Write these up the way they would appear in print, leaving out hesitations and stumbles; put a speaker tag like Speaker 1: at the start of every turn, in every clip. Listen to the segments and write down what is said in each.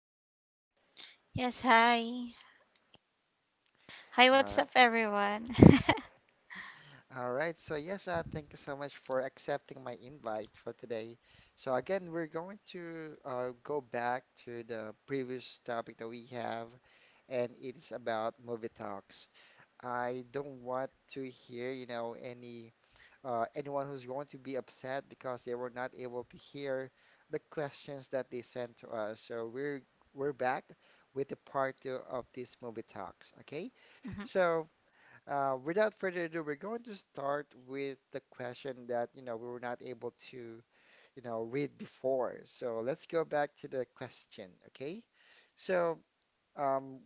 Speaker 1: Rona.
Speaker 2: Yes, hi. Hi,
Speaker 1: All
Speaker 2: what's
Speaker 1: right.
Speaker 2: up, everyone?
Speaker 1: All right, so yes, thank you so much for accepting my invite for today. So again, we're going to go back to the previous topic that we have, and it's about movie talks. I don't want to hear, you know, any anyone who's going to be upset because they were not able to hear the questions that they sent to us. So we're back with the part two of this movie talks. Okay,
Speaker 2: Mhm.
Speaker 1: so. Without further ado, we're going to start with the question that, you know, we were not able to, you know, read before. So let's go back to the question, okay? So, um,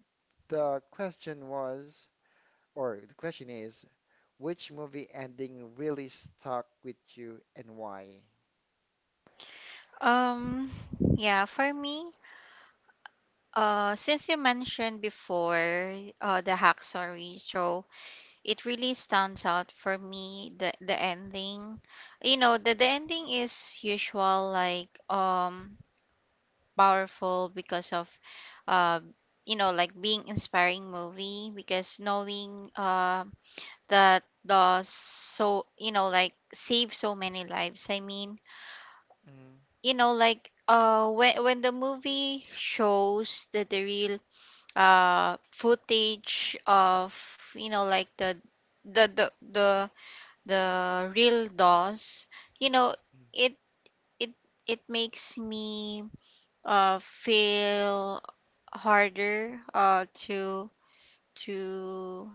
Speaker 1: the question was, or the question is, which movie ending really stuck with you and why?
Speaker 2: um, yeah, for me, since you mentioned before, the hack story, so it really stands out for me. The ending, you know, the ending is usual, like powerful because of, uh, you know, like being inspiring movie because knowing that the, so you know like save so many lives. I mean
Speaker 1: Mm-hmm.
Speaker 2: you know like when the movie shows the real footage of you know like the the the, the real dolls, you know it it it makes me feel harder to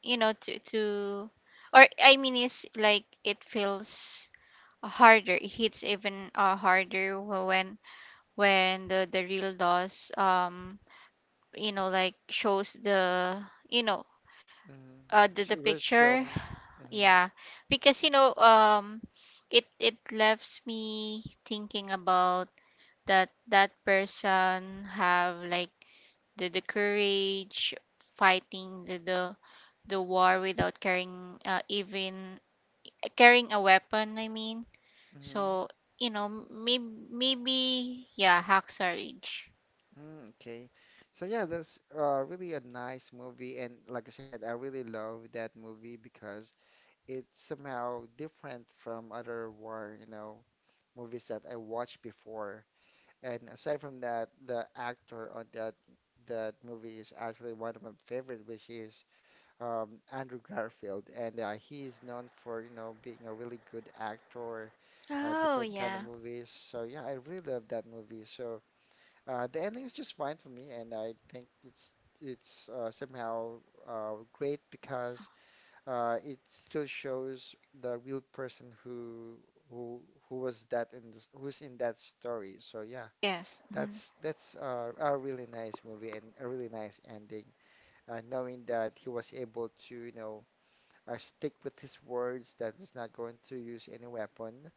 Speaker 2: you know to or I mean it's like it feels harder, it hits even harder when the real dolls you know like shows you know
Speaker 1: Mm-hmm.
Speaker 2: uh the,
Speaker 1: She
Speaker 2: the
Speaker 1: was
Speaker 2: picture,
Speaker 1: shown. Mm-hmm.
Speaker 2: yeah, because you know it it leaves me thinking about that person have like the courage fighting the war without carrying even carrying a weapon, I mean.
Speaker 1: Mm-hmm.
Speaker 2: So you know maybe yeah, Hacksaw Ridge.
Speaker 1: Mm, okay. So yeah, that's really a nice movie, and like I said, I really love that movie because it's somehow different from other war, you know, movies that I watched before. And aside from that, the actor on that movie is actually one of my favorite, which is Andrew Garfield, and he is known for, you know, being a really good actor,
Speaker 2: Oh,
Speaker 1: different kind of
Speaker 2: yeah.
Speaker 1: movies. So yeah, I really love that movie. So. The ending is just fine for me, and I think it's somehow great because it still shows the real person who who was that in this, who's in that story. So yeah,
Speaker 2: Yes. Mhm.
Speaker 1: that's a really nice movie and a really nice ending. Knowing that he was able to, you know, stick with his words, that he's not going to use any weapon,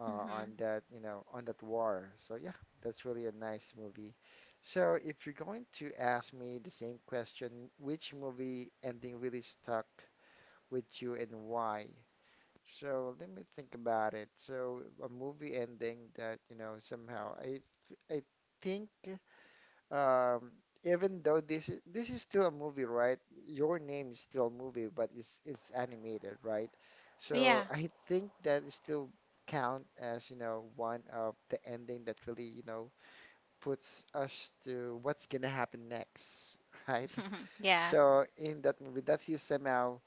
Speaker 2: Mhm.
Speaker 1: on that, you know, on that war. So yeah, that's really a nice movie. So if you're going to ask me the same question, which movie ending really stuck with you and why? So let me think about it. So a movie ending that, you know, somehow I think um, even though this is still a movie, right? Your Name is still a movie, but it's animated, right?
Speaker 2: Yeah.
Speaker 1: So I think that it still count as, you know, one of the ending that really, you know, puts us to what's gonna happen next, right?
Speaker 2: Yeah.
Speaker 1: So in that movie, that is somehow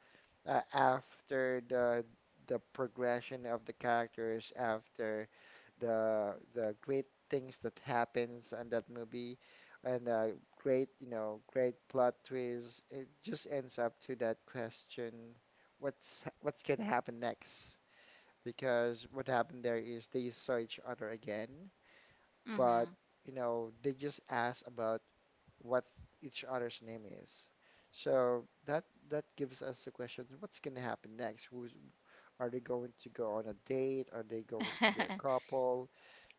Speaker 1: after the progression of the characters, after the great things that happens in that movie, and great you know great plot twists, it just ends up to that question, what's gonna happen next? Because what happened there is they saw each other again, but
Speaker 2: Mhm.
Speaker 1: you know they just ask about what each other's name is. So that gives us the question, what's going to happen next? Who's are they going to go on a date? Are they going to be a couple?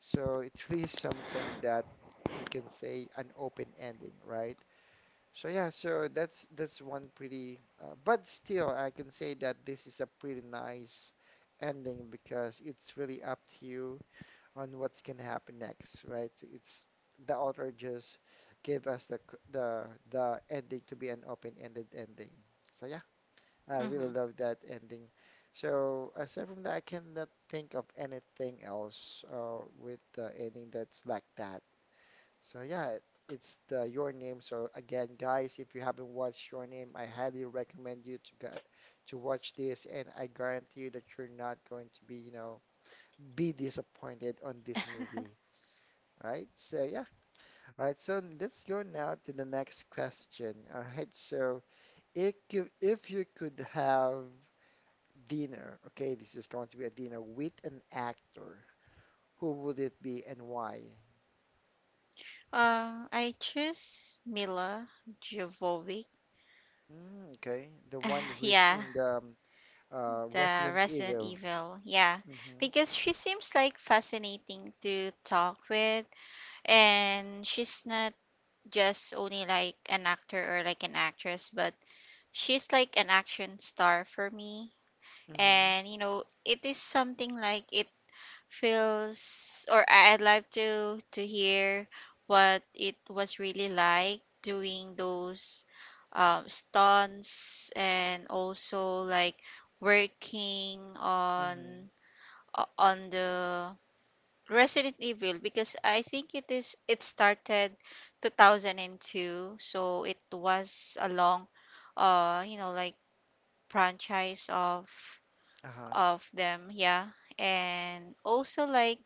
Speaker 1: So it really is something that we can say an open ending, right? So yeah, so that's one pretty, but still I can say that this is a pretty nice ending because it's really up to you on what's gonna happen next, right? So it's the author just gave us the the ending to be an open-ended ending. So yeah, I
Speaker 2: Mhm.
Speaker 1: really love that ending. So aside from that, I cannot think of anything else with the ending that's like that. So yeah, it's the Your Name. So again, guys, if you haven't watched Your Name, I highly recommend you to go, to watch this, and I guarantee you that you're not going to be, you know, be disappointed on this movie. Right, so yeah. All right, so let's go now to the next question. All right, so if you could have dinner, okay, this is going to be a dinner with an actor, who would it be and why?
Speaker 2: I choose Mila Jovovich.
Speaker 1: Mm, okay, the one who is
Speaker 2: Yeah,
Speaker 1: in the
Speaker 2: the
Speaker 1: Resident
Speaker 2: Resident
Speaker 1: Evil.
Speaker 2: Evil. Yeah,
Speaker 1: Mm-hmm.
Speaker 2: because she seems like fascinating to talk with, and she's not just only like an actor or like an actress, but she's like an action star for me.
Speaker 1: Mm-hmm.
Speaker 2: And you know, it is something like it feels, or I- I'd like to hear what it was really like doing those stunts, and also like working
Speaker 1: Mm-hmm.
Speaker 2: on on the Resident Evil, because I think it is it started 2002, so it was a long you know like franchise of
Speaker 1: Uh-huh.
Speaker 2: of them, yeah. And also like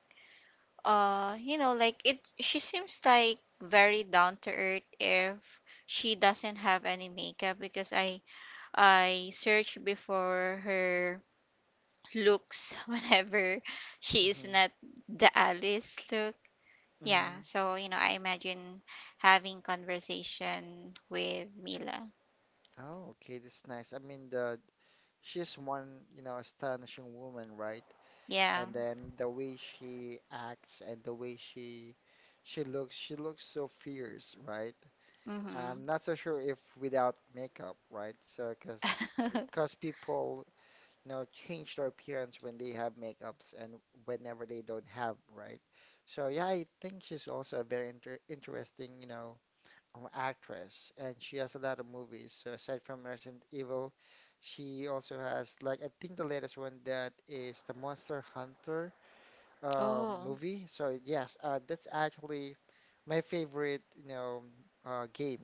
Speaker 2: you know like, it, she seems like very down to earth if she doesn't have any makeup, because I searched before her looks whenever she is
Speaker 1: Mm-hmm.
Speaker 2: not the Alice look,
Speaker 1: Mm-hmm.
Speaker 2: yeah. So you know I imagine having conversation with Mila.
Speaker 1: Oh, okay, that's nice. I mean, the she's one, you know, astonishing woman, right?
Speaker 2: Yeah.
Speaker 1: And then the way she acts and the way she looks, she looks so fierce, right?
Speaker 2: Mm-hmm.
Speaker 1: I'm not so sure if without makeup, right? So because people, you know, change their appearance when they have makeups and whenever they don't have, right? So yeah, I think she's also a very interesting, you know, actress, and she has a lot of movies. So aside from Resident Evil she also has, like I think the latest one, that is the Monster Hunter
Speaker 2: Oh.
Speaker 1: movie. So yes, that's actually my favorite, you know, game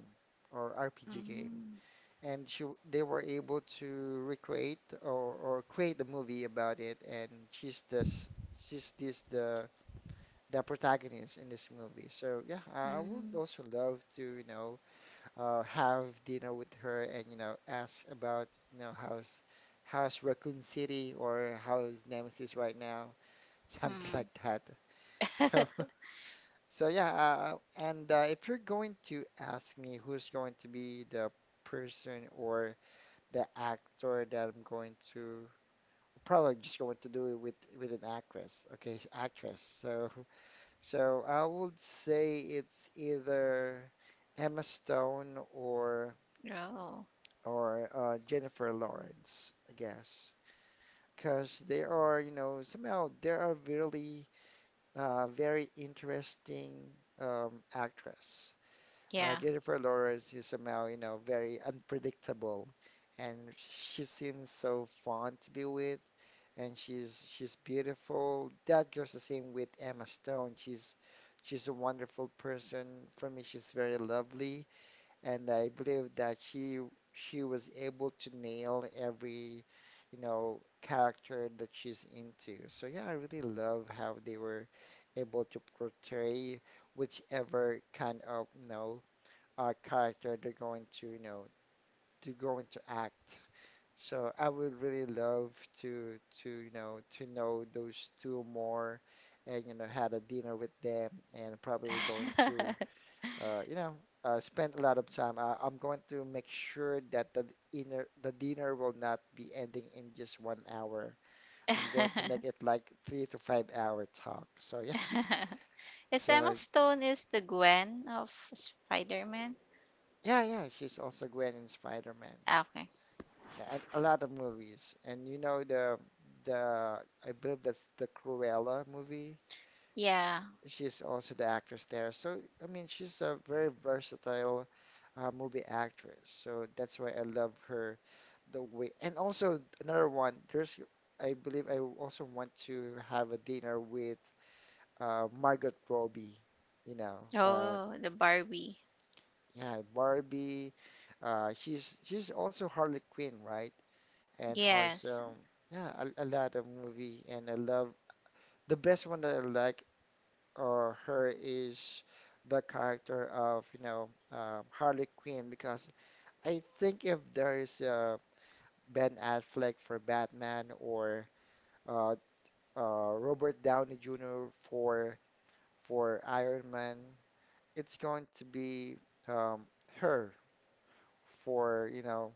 Speaker 1: or RPG game.
Speaker 2: Mm-hmm.
Speaker 1: And they were able to recreate or create a movie about it. And she's this the protagonist in this movie. So yeah, I would also love to, you know, have dinner with her and you know ask about, you know, how's how's Raccoon City or how's Nemesis right now, something
Speaker 2: Mm-hmm.
Speaker 1: like that. So. So yeah, and if you're going to ask me who's going to be the person or the actor that I'm going to probably just going to do it with an actress, okay, actress. So so I would say it's either Emma Stone or
Speaker 2: Oh,
Speaker 1: or Jennifer Lawrence, I guess, because they are, you know, somehow they are really very interesting actress.
Speaker 2: yeah.
Speaker 1: Jennifer Lawrence is somehow, you know, very unpredictable, and she seems so fun to be with, and she's beautiful. That goes the same with Emma Stone. She's a wonderful person. For me, she's very lovely, and I believe that she was able to nail every, you know, character that she's into. So yeah, I really love how they were able to portray whichever kind of, you know character they're going to act. So I would really love to you know to know those two more, and you know had a dinner with them, and probably we're going to uh, you know spend a lot of time. I'm going to make sure that the dinner will not be ending in just 1 hour. I'm going to make it like 3 to 5 hour talk. So yeah,
Speaker 2: Is Emma
Speaker 1: so
Speaker 2: Stone is the Gwen of Spider-Man?
Speaker 1: yeah, yeah. She's also Gwen in Spider-Man.
Speaker 2: Ah, okay.
Speaker 1: Yeah, and a lot of movies. And you know the I believe that's the Cruella movie.
Speaker 2: Yeah.
Speaker 1: She's also the actress there. So I mean, she's a very versatile movie actress. So that's why I love her the way. And also another one, there's I believe I also want to have a dinner with Margot Robbie. You know,
Speaker 2: Oh, the Barbie.
Speaker 1: yeah, Barbie. She's also Harley Quinn, right? And
Speaker 2: Yes.
Speaker 1: also yeah a lot of movie, and I love the best one that I like or her is the character of you know Harley Quinn because I think if there is a Ben Affleck for Batman or uh, Robert Downey Jr. For Iron Man it's going to be um, her for you know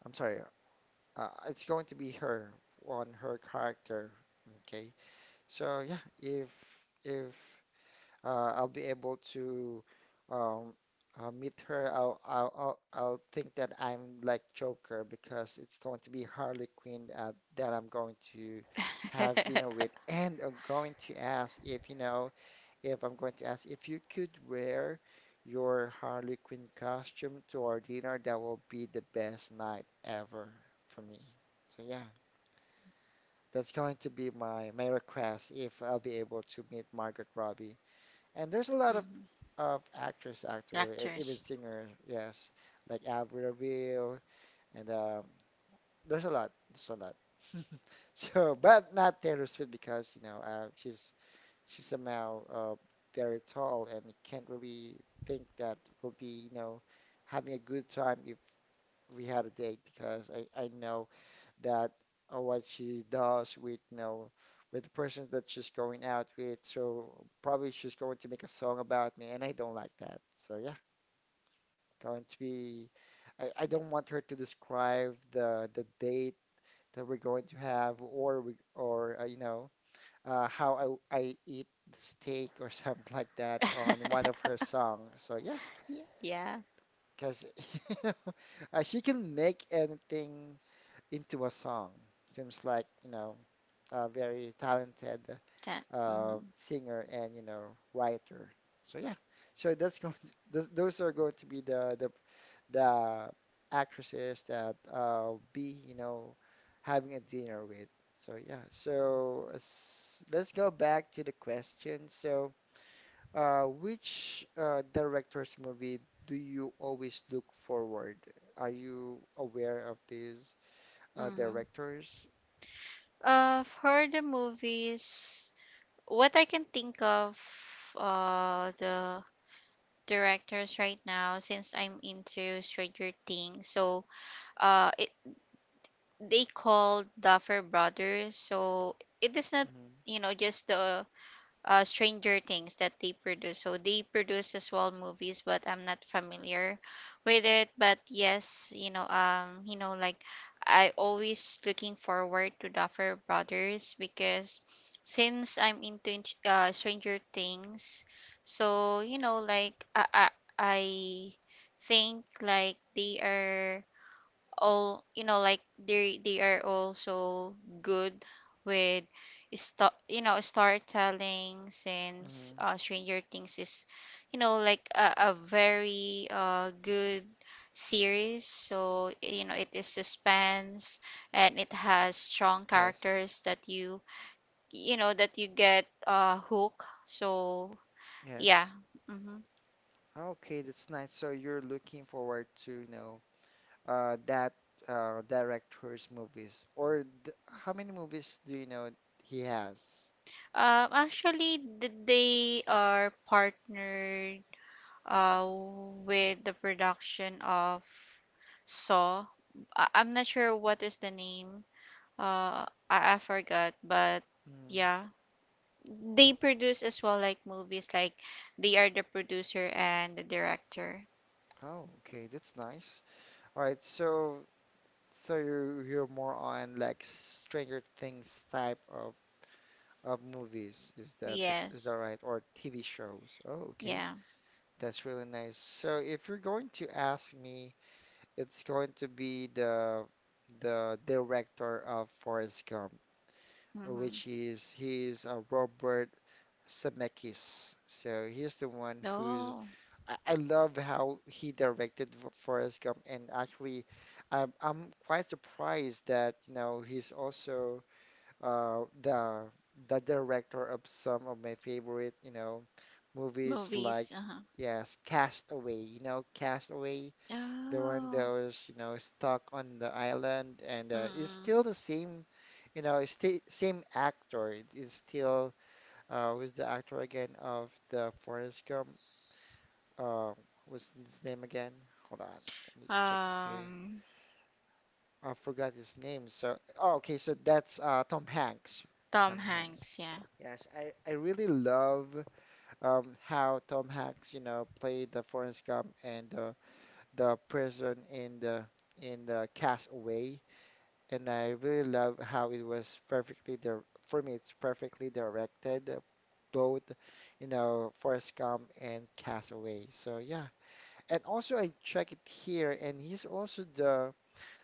Speaker 1: I'm sorry it's going to be her on her character, okay. So yeah, if if I'll be able to um, meet her, I'll think that I'm like Joker because it's going to be Harley Quinn that I'm going to have dinner with, and I'm going to ask if you know if I'm going to ask if you could wear your Harley Quinn costume to our dinner. That will be the best night ever for me. So yeah. That's going to be my request if I'll be able to meet Margot Robbie. And there's a lot
Speaker 2: Hmm.
Speaker 1: of actors actually,
Speaker 2: Actors.
Speaker 1: even singers, yes, like Avril Lavigne, and there's a lot, there's a lot. So, but not Taylor Swift because you know she's somehow very tall and can't really think that we'll be you know having a good time if we had a date because I know that what she does with you know with the person that she's going out with. So probably she's going to make a song about me, and I don't like that. So yeah, going to be. I don't want her to describe the date that we're going to have, or we, or how I eat the steak or something like that on one of her songs. So yeah,
Speaker 2: Y- yeah.
Speaker 1: because you know, she can make anything into a song. Seems like, a very talented
Speaker 2: That. Hmm.
Speaker 1: singer and, writer. So yeah, so that's going to, those are going to be the actresses that be, having a dinner with. So yeah, so let's go back to the question. So, which director's movie do you always look forward? Are you aware of this?
Speaker 2: Hmm.
Speaker 1: Directors.
Speaker 2: For the movies, what I can think of, the directors right now, since I'm into Stranger Things, so uh, they called Duffer Brothers. So it is not,
Speaker 1: Mm-hmm.
Speaker 2: you know, just the Stranger Things that they produce. So they produce as well movies, but I'm not familiar with it. But yes, you know, like I always looking forward to Duffer Brothers, because since I'm into Stranger Things, so you know, like I think like they are all you know like they are also good with you know storytelling, since
Speaker 1: Mm-hmm.
Speaker 2: Stranger Things is you know like a very good series. So you know it is suspense, and it has strong
Speaker 1: Yes,
Speaker 2: characters that you know that you get hook, so yeah.
Speaker 1: yes.
Speaker 2: Mm-hmm.
Speaker 1: Okay, that's nice. So you're looking forward to, that director's movies, or th how many movies do you know he has?
Speaker 2: Um, actually they are partnered uh, with the production of Saw. I'm not sure what is the name. I forgot, but
Speaker 1: Mm-hmm.
Speaker 2: yeah, they produce as well like movies. Like they are the producer and the director.
Speaker 1: Oh, okay, that's nice. All right, so you're more on like Stranger Things type of movies. Is that the, is that
Speaker 2: Yes.
Speaker 1: right? Or TV shows? Oh, okay,
Speaker 2: Yeah.
Speaker 1: that's really nice. So if you're going to ask me, it's going to be the director of Forrest Gump,
Speaker 2: Mm-hmm.
Speaker 1: which is he's Robert Zemeckis. So he's the one who's
Speaker 2: Oh,
Speaker 1: I love how he directed Forrest Gump, and actually, I'm quite surprised that you know he's also the director of some of my favorite you know movies like
Speaker 2: movies. Uh-huh.
Speaker 1: yes Castaway. You know Castaway the one that
Speaker 2: Oh.
Speaker 1: was, you know, stuck on the island, and it's
Speaker 2: Mm-mm.
Speaker 1: still the same, you know, it's same actor. It is still who's the actor again of the Forrest Gump? Uh, what's his name again? Hold on, let me check it here.
Speaker 2: Um,
Speaker 1: I forgot his name. So, oh, okay, so that's Tom Hanks.
Speaker 2: Tom
Speaker 1: Tom Hanks.
Speaker 2: Hanks. Yeah.
Speaker 1: Yes, I really love how Tom Hanks, you know, played the Forrest Gump and the prison in the Castaway. And I really love how it was perfectly there. For me, it's perfectly directed both you know Forrest Gump and Castaway, so yeah. And also I check it here, and he's also the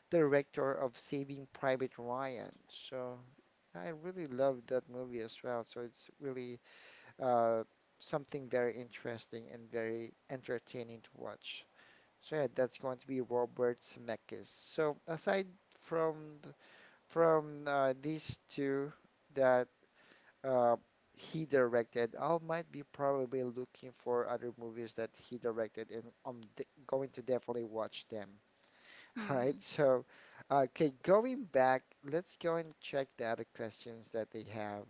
Speaker 1: director of Saving Private Ryan, so I really love that movie as well, so it's really uh something very interesting and very entertaining to watch. So yeah, that's going to be Robert Zemeckis. So aside from these two that uh, he directed, I might be probably looking for other movies that he directed, and I'm d going to definitely watch them. All
Speaker 2: Mm-hmm.
Speaker 1: right, so okay, going back, let's go and check the other questions that they have.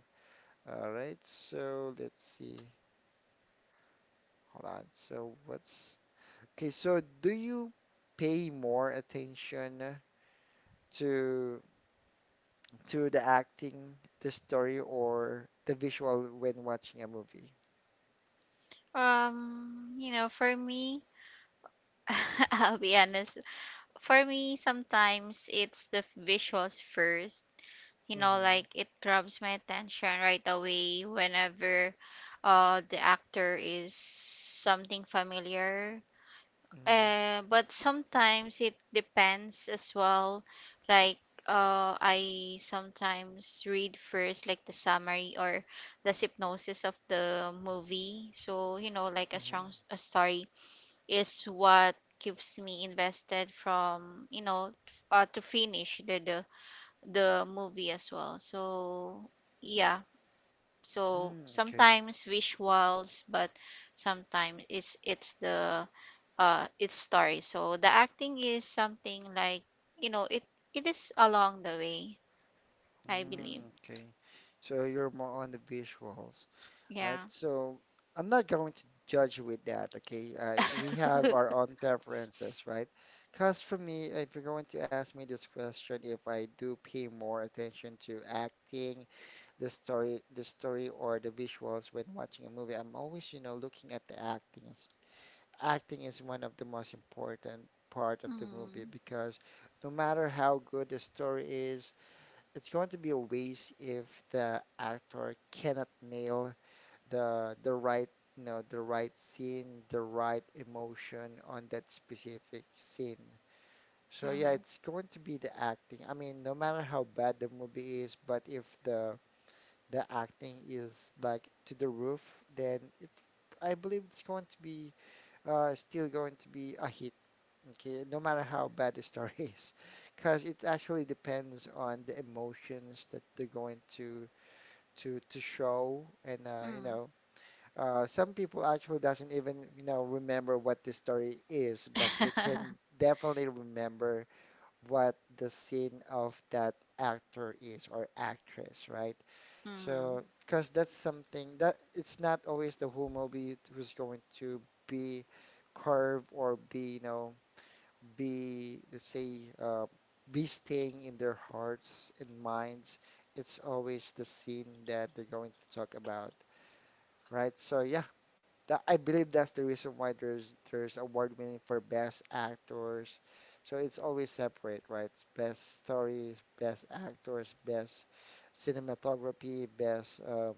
Speaker 1: All right, so let's see. Hold on. So what's okay? So do you pay more attention to? To the acting, the story, or the visual when watching a movie?
Speaker 2: You know, for me, I'll be honest. For me, sometimes it's the visuals first. You know,
Speaker 1: Mm-hmm.
Speaker 2: like it grabs my attention right away whenever the actor is something familiar.
Speaker 1: Mm-hmm.
Speaker 2: But sometimes it depends as well. Like I sometimes read first, like the summary or the synopsis of the movie. So you know, like a
Speaker 1: Mm-hmm.
Speaker 2: strong a story is what keeps me invested from you know to finish the movie as well. So yeah, so
Speaker 1: Mm, okay.
Speaker 2: sometimes visuals, but sometimes it's the its story. So the acting is something like, you know, it is along the way, I believe.
Speaker 1: Mm, okay. So you're more on the visuals. All right.
Speaker 2: Yeah.
Speaker 1: So I'm not going to judge you with that. Okay. We have our own preferences, right? Because for me, if you're going to ask me this question, if I do pay more attention to acting, the story, or the visuals when watching a movie, I'm always, you know, looking at the acting. Acting is one of the most important part of the movie
Speaker 2: Mm.
Speaker 1: because no matter how good the story is, it's going to be a waste if the actor cannot nail the right, you know, the right scene, the right emotion on that specific scene. So yeah,
Speaker 2: Mm-hmm.
Speaker 1: it's going to be the acting. I mean, no matter how bad the movie is, but if the acting is like to the roof, then it I believe it's going to be still going to be a hit. Okay, no matter how bad the story is, because it actually depends on the emotions that they're going to show, and you
Speaker 2: Mm.
Speaker 1: know, some people actually doesn't even you know remember what the story is, but they can definitely remember what the scene of that actor is or actress, right?
Speaker 2: Mm, mm.
Speaker 1: So, because that's something that it's not always the whole movie who's going to be curved or be you know be, let's say, be staying in their hearts and minds. It's always the scene that they're going to talk about, right? So yeah, that, I believe that's the reason why there's award winning for best actors. So it's always separate, right? It's best stories, best actors, best cinematography, best uh,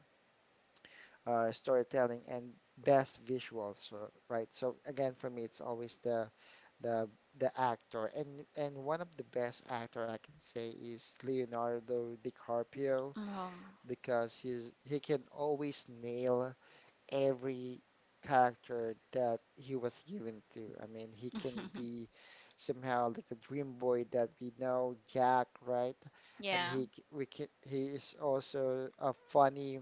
Speaker 1: uh, storytelling, and best visuals, right? So again, for me, it's always the the actor, and one of the best actor I can say is Leonardo DiCaprio,
Speaker 2: Oh.
Speaker 1: because he can always nail every character that he was given to. I mean, he can be somehow like the dream boy that we know, Jack, right? And
Speaker 2: Yeah.
Speaker 1: he c- we can, he is also a funny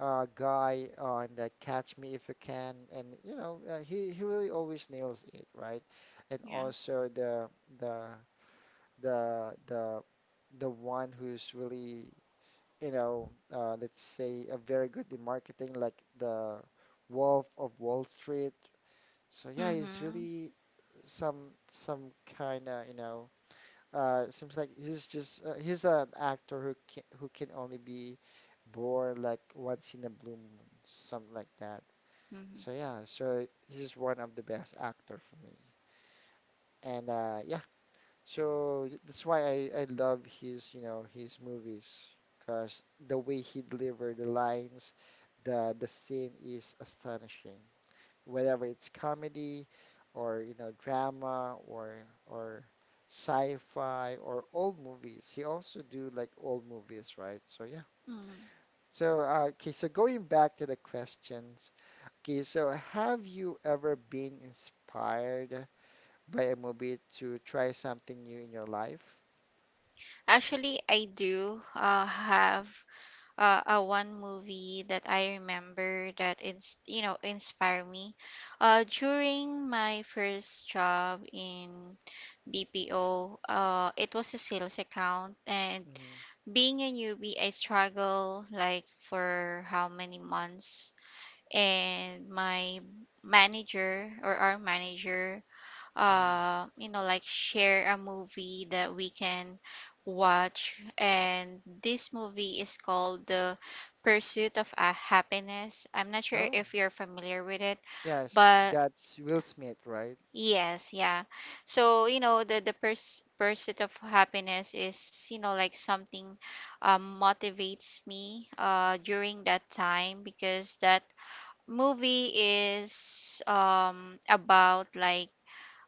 Speaker 1: guy on that Catch Me If You Can, and you know he really always nails it, right? And
Speaker 2: Yeah.
Speaker 1: also the the the one who's really you know let's say a very good in marketing, like the Wolf of Wall Street. So yeah, he's
Speaker 2: Mhm,
Speaker 1: really some kind of you know seems like he's an actor who can only be born like once in a blue moon, something like that.
Speaker 2: mhm,
Speaker 1: So yeah, so he's one of the best actor for me. And yeah, so that's why I love his, you know, his movies because the way he delivered the lines, the scene is astonishing, whether it's comedy or you know drama or sci-fi or old movies. He also do like old movies, right? So yeah.
Speaker 2: mhm.
Speaker 1: So okay, so going back to the questions. Okay, so have you ever been inspired by a movie to try something new in your life?
Speaker 2: Actually, I do have a one movie that I remember that ins you know inspire me. During my first job in BPO, it was a sales account, and
Speaker 1: Mhm,
Speaker 2: being a newbie, I struggle like for how many months, and my manager or our manager,
Speaker 1: mhm.
Speaker 2: you know, like share a movie that we can watch. And this movie is called The Pursuit of Happiness. I'm not sure
Speaker 1: Oh,
Speaker 2: if you're familiar with it,
Speaker 1: yes,
Speaker 2: but
Speaker 1: that's Will Smith, right?
Speaker 2: yes, yeah. So, you know, the pers Pursuit of Happiness is, you know, like something motivates me during that time, because that movie is about like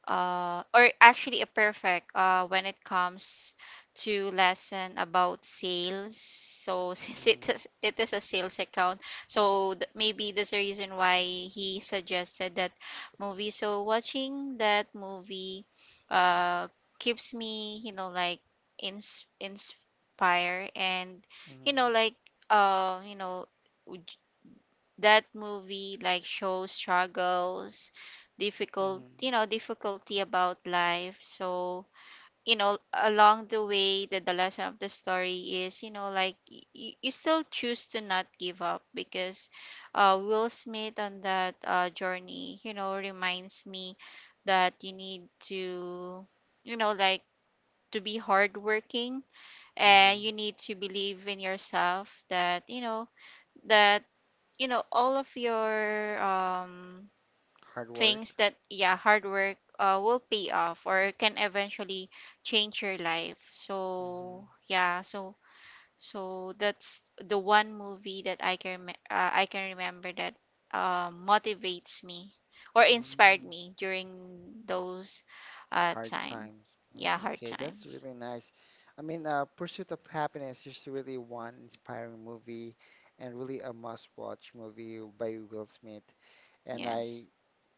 Speaker 2: or actually a perfect when it comes to lesson about sales. So since
Speaker 1: Mm-hmm.
Speaker 2: it is a sales account, so maybe that's the reason why he suggested that movie. So watching that movie, uh, keeps me, you know, like inspire. And you
Speaker 1: Mm-hmm.
Speaker 2: know like you know, that movie like shows struggles, difficult, you know, difficulty about life. So you know, along the way, the lesson of the story is, you know, like you still choose to not give up because Will Smith on that journey you know reminds me that you need to, you know, like to be hardworking, and
Speaker 1: Mm-hmm.
Speaker 2: you need to believe in yourself that you know all of your
Speaker 1: Hard
Speaker 2: things
Speaker 1: work.
Speaker 2: that yeah, hard work will pay off or can eventually change your life. So yeah, so so that's the one movie that I can remember that motivates me or inspired
Speaker 1: Mm-hmm.
Speaker 2: me during those
Speaker 1: Hard
Speaker 2: time.
Speaker 1: times.
Speaker 2: Yeah,
Speaker 1: Mm,
Speaker 2: hard
Speaker 1: okay, that's
Speaker 2: times.
Speaker 1: really nice. I mean, Pursuit of Happiness is really one inspiring movie and really a must-watch movie by Will Smith. And
Speaker 2: Yes.
Speaker 1: I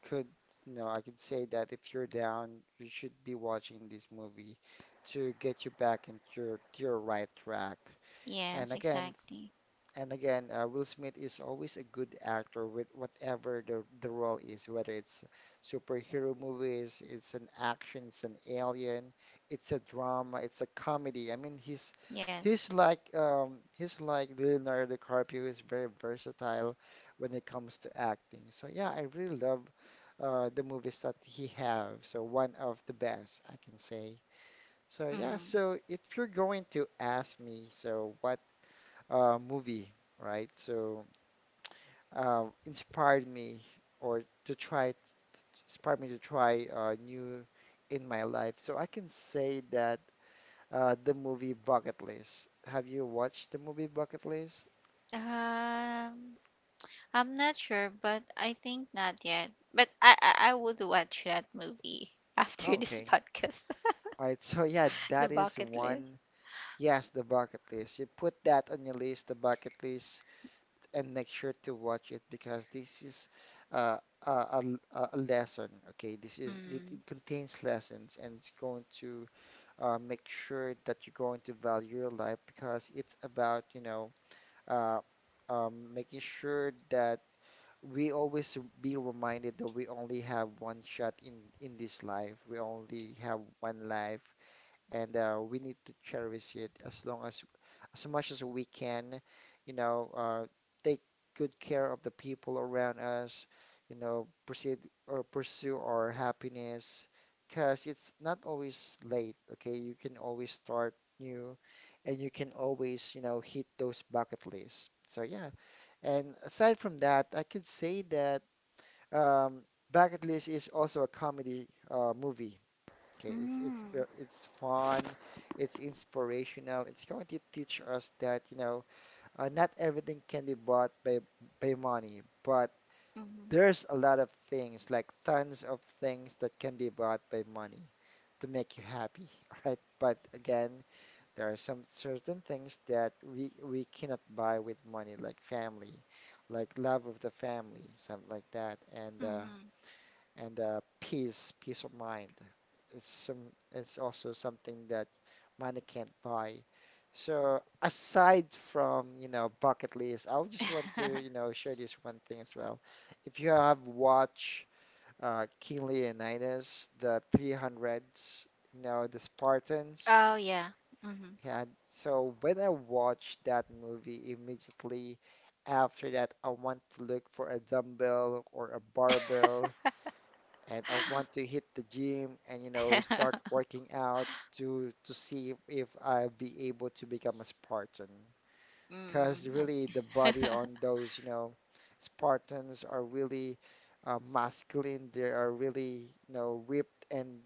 Speaker 1: could, you know, I could say that if you're down, you should be watching this movie to get you back into to your right track. And
Speaker 2: Yes,
Speaker 1: again,
Speaker 2: exactly.
Speaker 1: Will Smith is always a good actor with whatever the role is, whether it's superhero movies, it's an action, it's an alien, it's a drama, it's a comedy. I mean, he's
Speaker 2: Yes.
Speaker 1: he's like he's like Leonardo DiCaprio, who is very versatile when it comes to acting. So yeah, I really love the movies that he have. So one of the best, I can say. So yeah,
Speaker 2: Mm-hmm.
Speaker 1: so if you're going to ask me, so what movie, right? So uh, inspired me or to try inspired me to try new in my life. So I can say that the movie Bucket List. Have you watched the movie Bucket List?
Speaker 2: Um, I'm not sure, but I think not yet. But I would watch that movie after
Speaker 1: Oh,
Speaker 2: this
Speaker 1: okay.
Speaker 2: podcast.
Speaker 1: All right. So yeah,
Speaker 2: The
Speaker 1: that is
Speaker 2: bucket list.
Speaker 1: one. Yes, the Bucket List. You put that on your list, the Bucket List, and make sure to watch it, because this is uh, a a lesson. Okay, this is it,
Speaker 2: Mm.
Speaker 1: it contains lessons, and it's going to make sure that you're going to value your life, because it's about, you know, uh, making sure that we always be reminded that we only have one shot in this life. We only have one life, and we need to cherish it as long as much as we can, you know, take good care of the people around us, you know, proceed or pursue our happiness, because it's not always late, okay? You can always start new, and you can always, you know, hit those bucket lists. So yeah, and aside from that, I could say that um, Bucket List is also a comedy movie. Okay,
Speaker 2: Mm.
Speaker 1: it's fun, it's inspirational. It's going to teach us that, you know, not everything can be bought by money, but
Speaker 2: Mm.
Speaker 1: there's a lot of things, like tons of things, that can be bought by money to make you happy, all right? But again, there are some certain things that we cannot buy with money, like family, like love of the family, something like that. And
Speaker 2: Mm.
Speaker 1: peace, peace of mind. It's some, it's also something that money can't buy. So aside from, you know, Bucket List, I would just want to, you know, share this one thing as well. If you have watched King Leonidas, the 300s, you know, the Spartans,
Speaker 2: Oh, yeah. Mm.
Speaker 1: yeah. So when I watched that movie, immediately after that, I want to look for a dumbbell or a barbell, and I want to hit the gym and you know start working out to see if I'll be able to become a Spartan. Because
Speaker 2: Mm. No.
Speaker 1: really the body on those you know Spartans are really masculine. They are really ripped and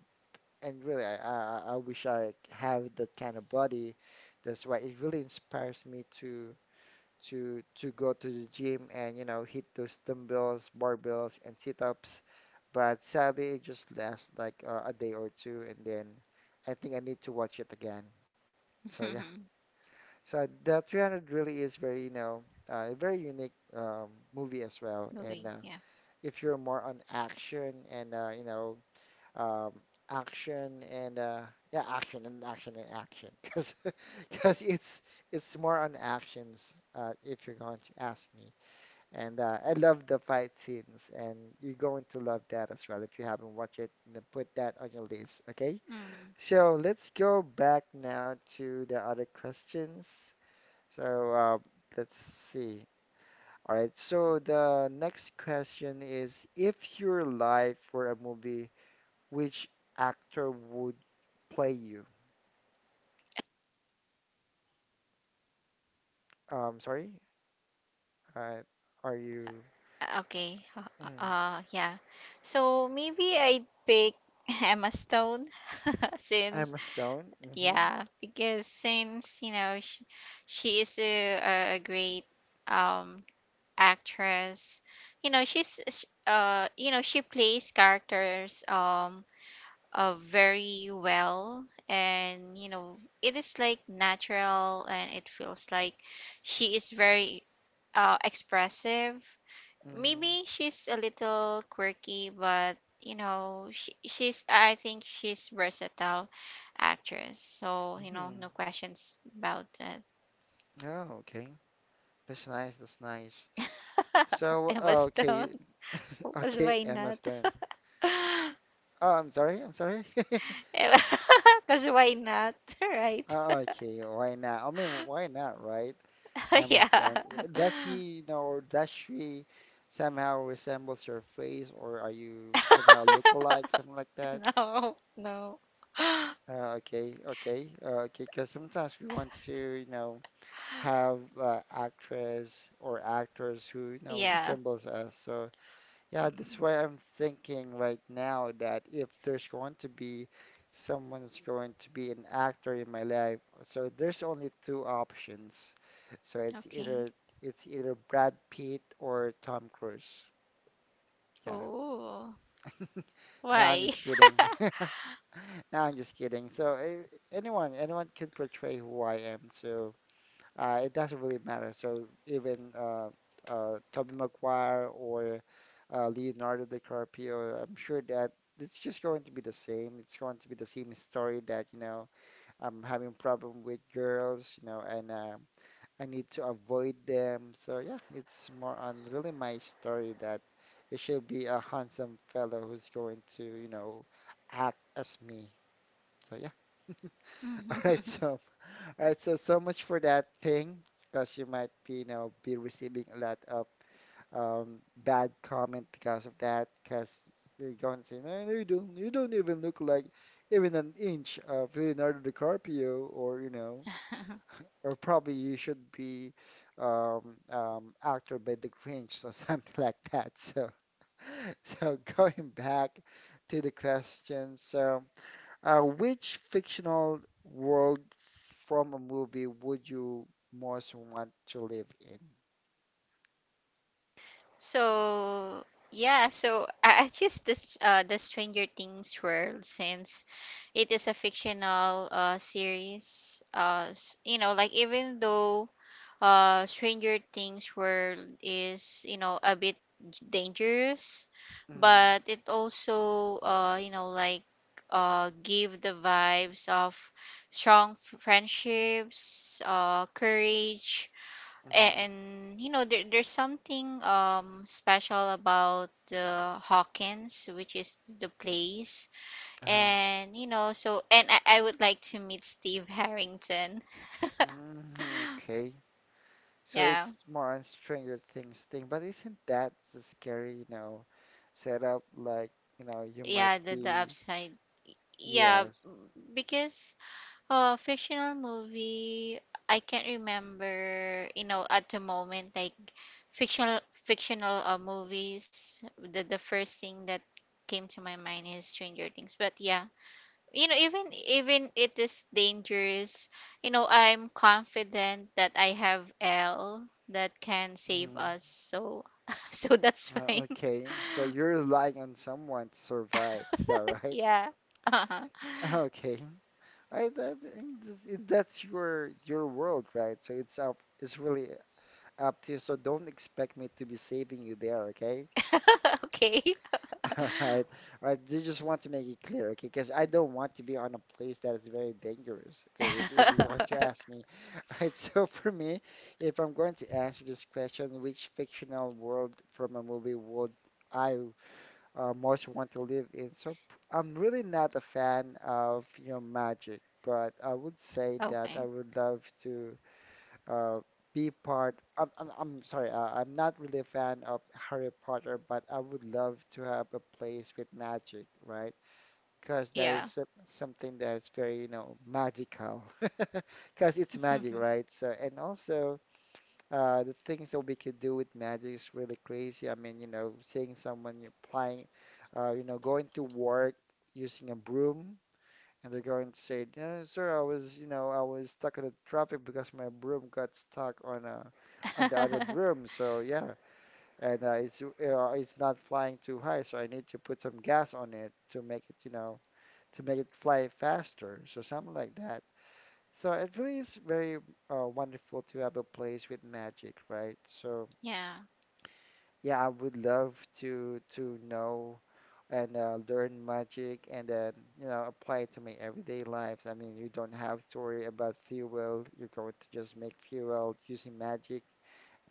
Speaker 1: and really I wish I have that kind of body. That's why it really inspires me to go to the gym and hit those dumbbells, barbells, and sit-ups, but sadly, it just lasts like a day or two, and then I think I need to watch it again. So yeah, so the 300 really is very, a very unique movie as well.
Speaker 2: Movie.
Speaker 1: And
Speaker 2: Yeah.
Speaker 1: uh, if you're more on action and um, action and yeah, action and action and action, because because it's it's more on actions, if you're going to ask me. And I love the fight scenes, and you're going to love that as well if you haven't watched it. Then put that on your list, okay?
Speaker 2: Mm.
Speaker 1: So let's go back now to the other questions. So let's see. All right, so the next question is, if your life were a movie, which actor would play you? Sorry, uh, are you
Speaker 2: Uh, Okay. Uh,
Speaker 1: mm,
Speaker 2: yeah. So maybe I'd pick Emma Stone, since
Speaker 1: Emma Stone? Mm-hmm,
Speaker 2: yeah, because since you know she is a great um actress. You know you know she plays characters very well, and you know it is like natural and it feels like she is very expressive.
Speaker 1: mm-hmm,
Speaker 2: Maybe she's a little quirky, but you know, she's, I think she's versatile actress. So, you know,
Speaker 1: mm-hmm.
Speaker 2: no questions about that.
Speaker 1: Oh, okay. That's nice. That's nice. So,
Speaker 2: Emma Stone,
Speaker 1: okay.
Speaker 2: because
Speaker 1: Okay,
Speaker 2: why
Speaker 1: Emma
Speaker 2: not?
Speaker 1: Stone. Oh, I'm sorry. I'm sorry.
Speaker 2: Because why not? Right?
Speaker 1: Oh, okay. Why not? I mean, why not, right? Emma
Speaker 2: Yeah.
Speaker 1: Stone. Does he, or does she somehow resembles her face, or are you somehow look alike, something like that?
Speaker 2: No, no.
Speaker 1: Okay, okay, okay. Because sometimes we want to, have actress or actors who,
Speaker 2: Yeah.
Speaker 1: resembles us. So yeah, that's
Speaker 2: Mm,
Speaker 1: why I'm thinking right now that if there's going to be someone's going to be an actor in my life, so there's only two options. So it's
Speaker 2: okay.
Speaker 1: either it's either Brad Pitt or Tom Cruise. Yeah.
Speaker 2: Oh,
Speaker 1: No, I'm
Speaker 2: why?
Speaker 1: just kidding. No, I'm just kidding. So anyone, anyone can portray who I am. So it doesn't really matter. So even Tobey Maguire or Leonardo DiCaprio, I'm sure that it's just going to be the same. It's going to be the same story that, I'm having problem with girls, and I need to avoid them. So yeah, it's more on really my story that it should be a handsome fellow who's going to, act as me. So yeah. All right. So all right, so much for that thing, because you might be, be receiving a lot of bad comment because of that, because they're going to say, no, no, you don't even look like even an inch of Leonardo DiCaprio, or you know, or probably you should be actor by the Grinch or something like that. So, so going back to the question, so. Which fictional world from a movie would you most want to live in?
Speaker 2: So yeah, so I choose this, the Stranger Things world, since it is a fictional series. You know, like even though Stranger Things world is you know a bit dangerous,
Speaker 1: Mm,
Speaker 2: but it also you know like give the vibes of strong friendships, courage,
Speaker 1: mm-hmm,
Speaker 2: and you know there's something special about the Hawkins, which is the place.
Speaker 1: uh-huh.
Speaker 2: And you know, so, and I would like to meet Steve Harrington.
Speaker 1: Mm-hmm, okay. So
Speaker 2: Yeah.
Speaker 1: it's more on Stranger Things thing, but isn't that the scary, setup? Like, you might
Speaker 2: Yeah, the
Speaker 1: be,
Speaker 2: upside. Yeah,
Speaker 1: yes.
Speaker 2: because fictional movie, I can't remember you know at the moment like, fictional fictional movies, the first thing that came to my mind is Stranger Things. But yeah, you know, even it is dangerous, you know I'm confident that I have L that can save
Speaker 1: Mm,
Speaker 2: us. So so that's fine.
Speaker 1: okay. So you're relying on someone to survive. Is that right?
Speaker 2: Yeah. Uh-huh.
Speaker 1: Okay. I think that's your world, right? So it's really up to you. So don't expect me to be saving you there, okay?
Speaker 2: Okay.
Speaker 1: All right, all right. I just want to make it clear, okay? Because I don't want to be on a place that is very dangerous, okay? If you're going to ask me, all right. So for me, if I'm going to answer this question, which fictional world from a movie would I most want to live in. So I'm really not a fan of magic, but I would say
Speaker 2: Okay.
Speaker 1: that I would love to uh, be part. I'm sorry, I'm not really a fan of Harry Potter, but I would love to have a place with magic, right? Because that
Speaker 2: Yeah.
Speaker 1: is something that's very magical, because it's magic, right? So and also. The things that we could do with magic is really crazy. I mean, seeing someone you're playing, going to work using a broom, and they're going to say, "Yeah, "Sir, I was, I was stuck in the traffic because my broom got stuck on on the other broom." So yeah, and it's not flying too high, so I need to put some gas on it to make it, you know, to make it fly faster. So something like that. So it really is very wonderful to have a place with magic, right? So
Speaker 2: Yeah.
Speaker 1: yeah, I would love to know and learn magic and then, apply it to my everyday lives. I mean, you don't have to worry about fuel. You're going to just make fuel using magic,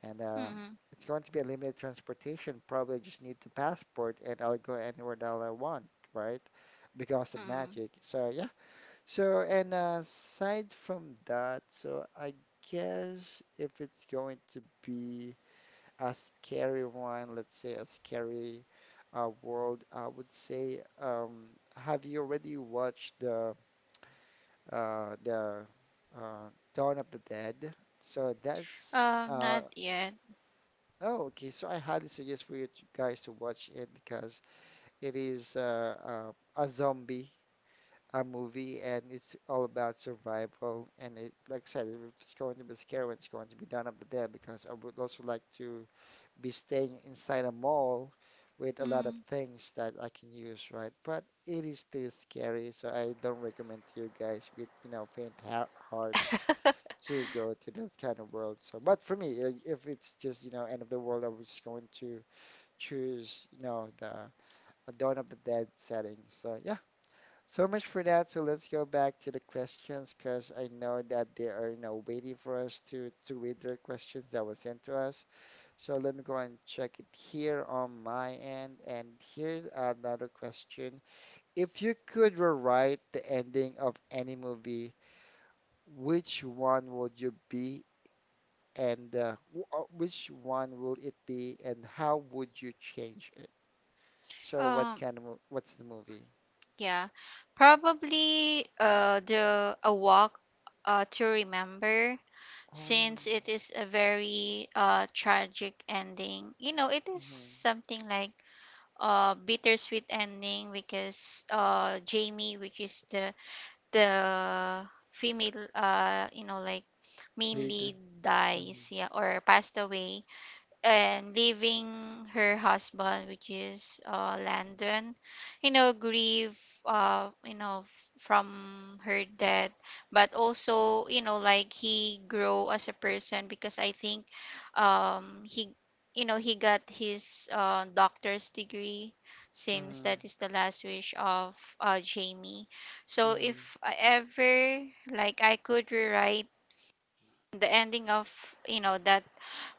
Speaker 1: and
Speaker 2: Mm-mm,
Speaker 1: it's going to be a limited transportation. Probably just need the passport, and I'll go anywhere that I want, right? Because of
Speaker 2: mm-mm.
Speaker 1: magic. So yeah. So and aside from that, so I guess if it's going to be a scary one, let's say a scary world, I would say, have you already watched the uh, the uh, Dawn of the Dead? So that's,
Speaker 2: Um,
Speaker 1: uh,
Speaker 2: not yet.
Speaker 1: oh, okay. So I highly suggest for you to, guys to watch it, because it is a zombie, a movie, and it's all about survival. And it, like I said, if it's going to be scary, it's going to be Dawn of the Dead, because I would also like to be staying inside a mall with a lot of
Speaker 2: Mm.
Speaker 1: things that I can use, right? But it is too scary, so I don't recommend to you guys with, faint hearts to go to that kind of world. So, but for me, if it's just, end of the world, I was going to choose, the a Dawn of the Dead setting. So, yeah, so much for that. So let's go back to the questions because I know that they are, waiting for us to read their questions that was sent to us. So let me go and check it here on my end. And here's another question. If you could rewrite the ending of any movie, which one would you be and which one will it be, and how would you change it? So what
Speaker 2: Um,
Speaker 1: kind of what's the movie?
Speaker 2: yeah, probably the A Walk to Remember,
Speaker 1: Oh,
Speaker 2: since it is a very tragic ending. You know, it is
Speaker 1: mhm.
Speaker 2: something like bittersweet ending, because Jamie, which is the female, you know, like
Speaker 1: Lead.
Speaker 2: mainly
Speaker 1: Hmm,
Speaker 2: dies, yeah, or passed away, and leaving her husband, which is Landon, you know, grieve, you know, from her death. But also, you know, like he grow as a person, because I think, he, you know, he got his doctor's degree, since
Speaker 1: hmm,
Speaker 2: that is the last wish of Jamie. So
Speaker 1: hmm.
Speaker 2: if I ever I could rewrite the ending of that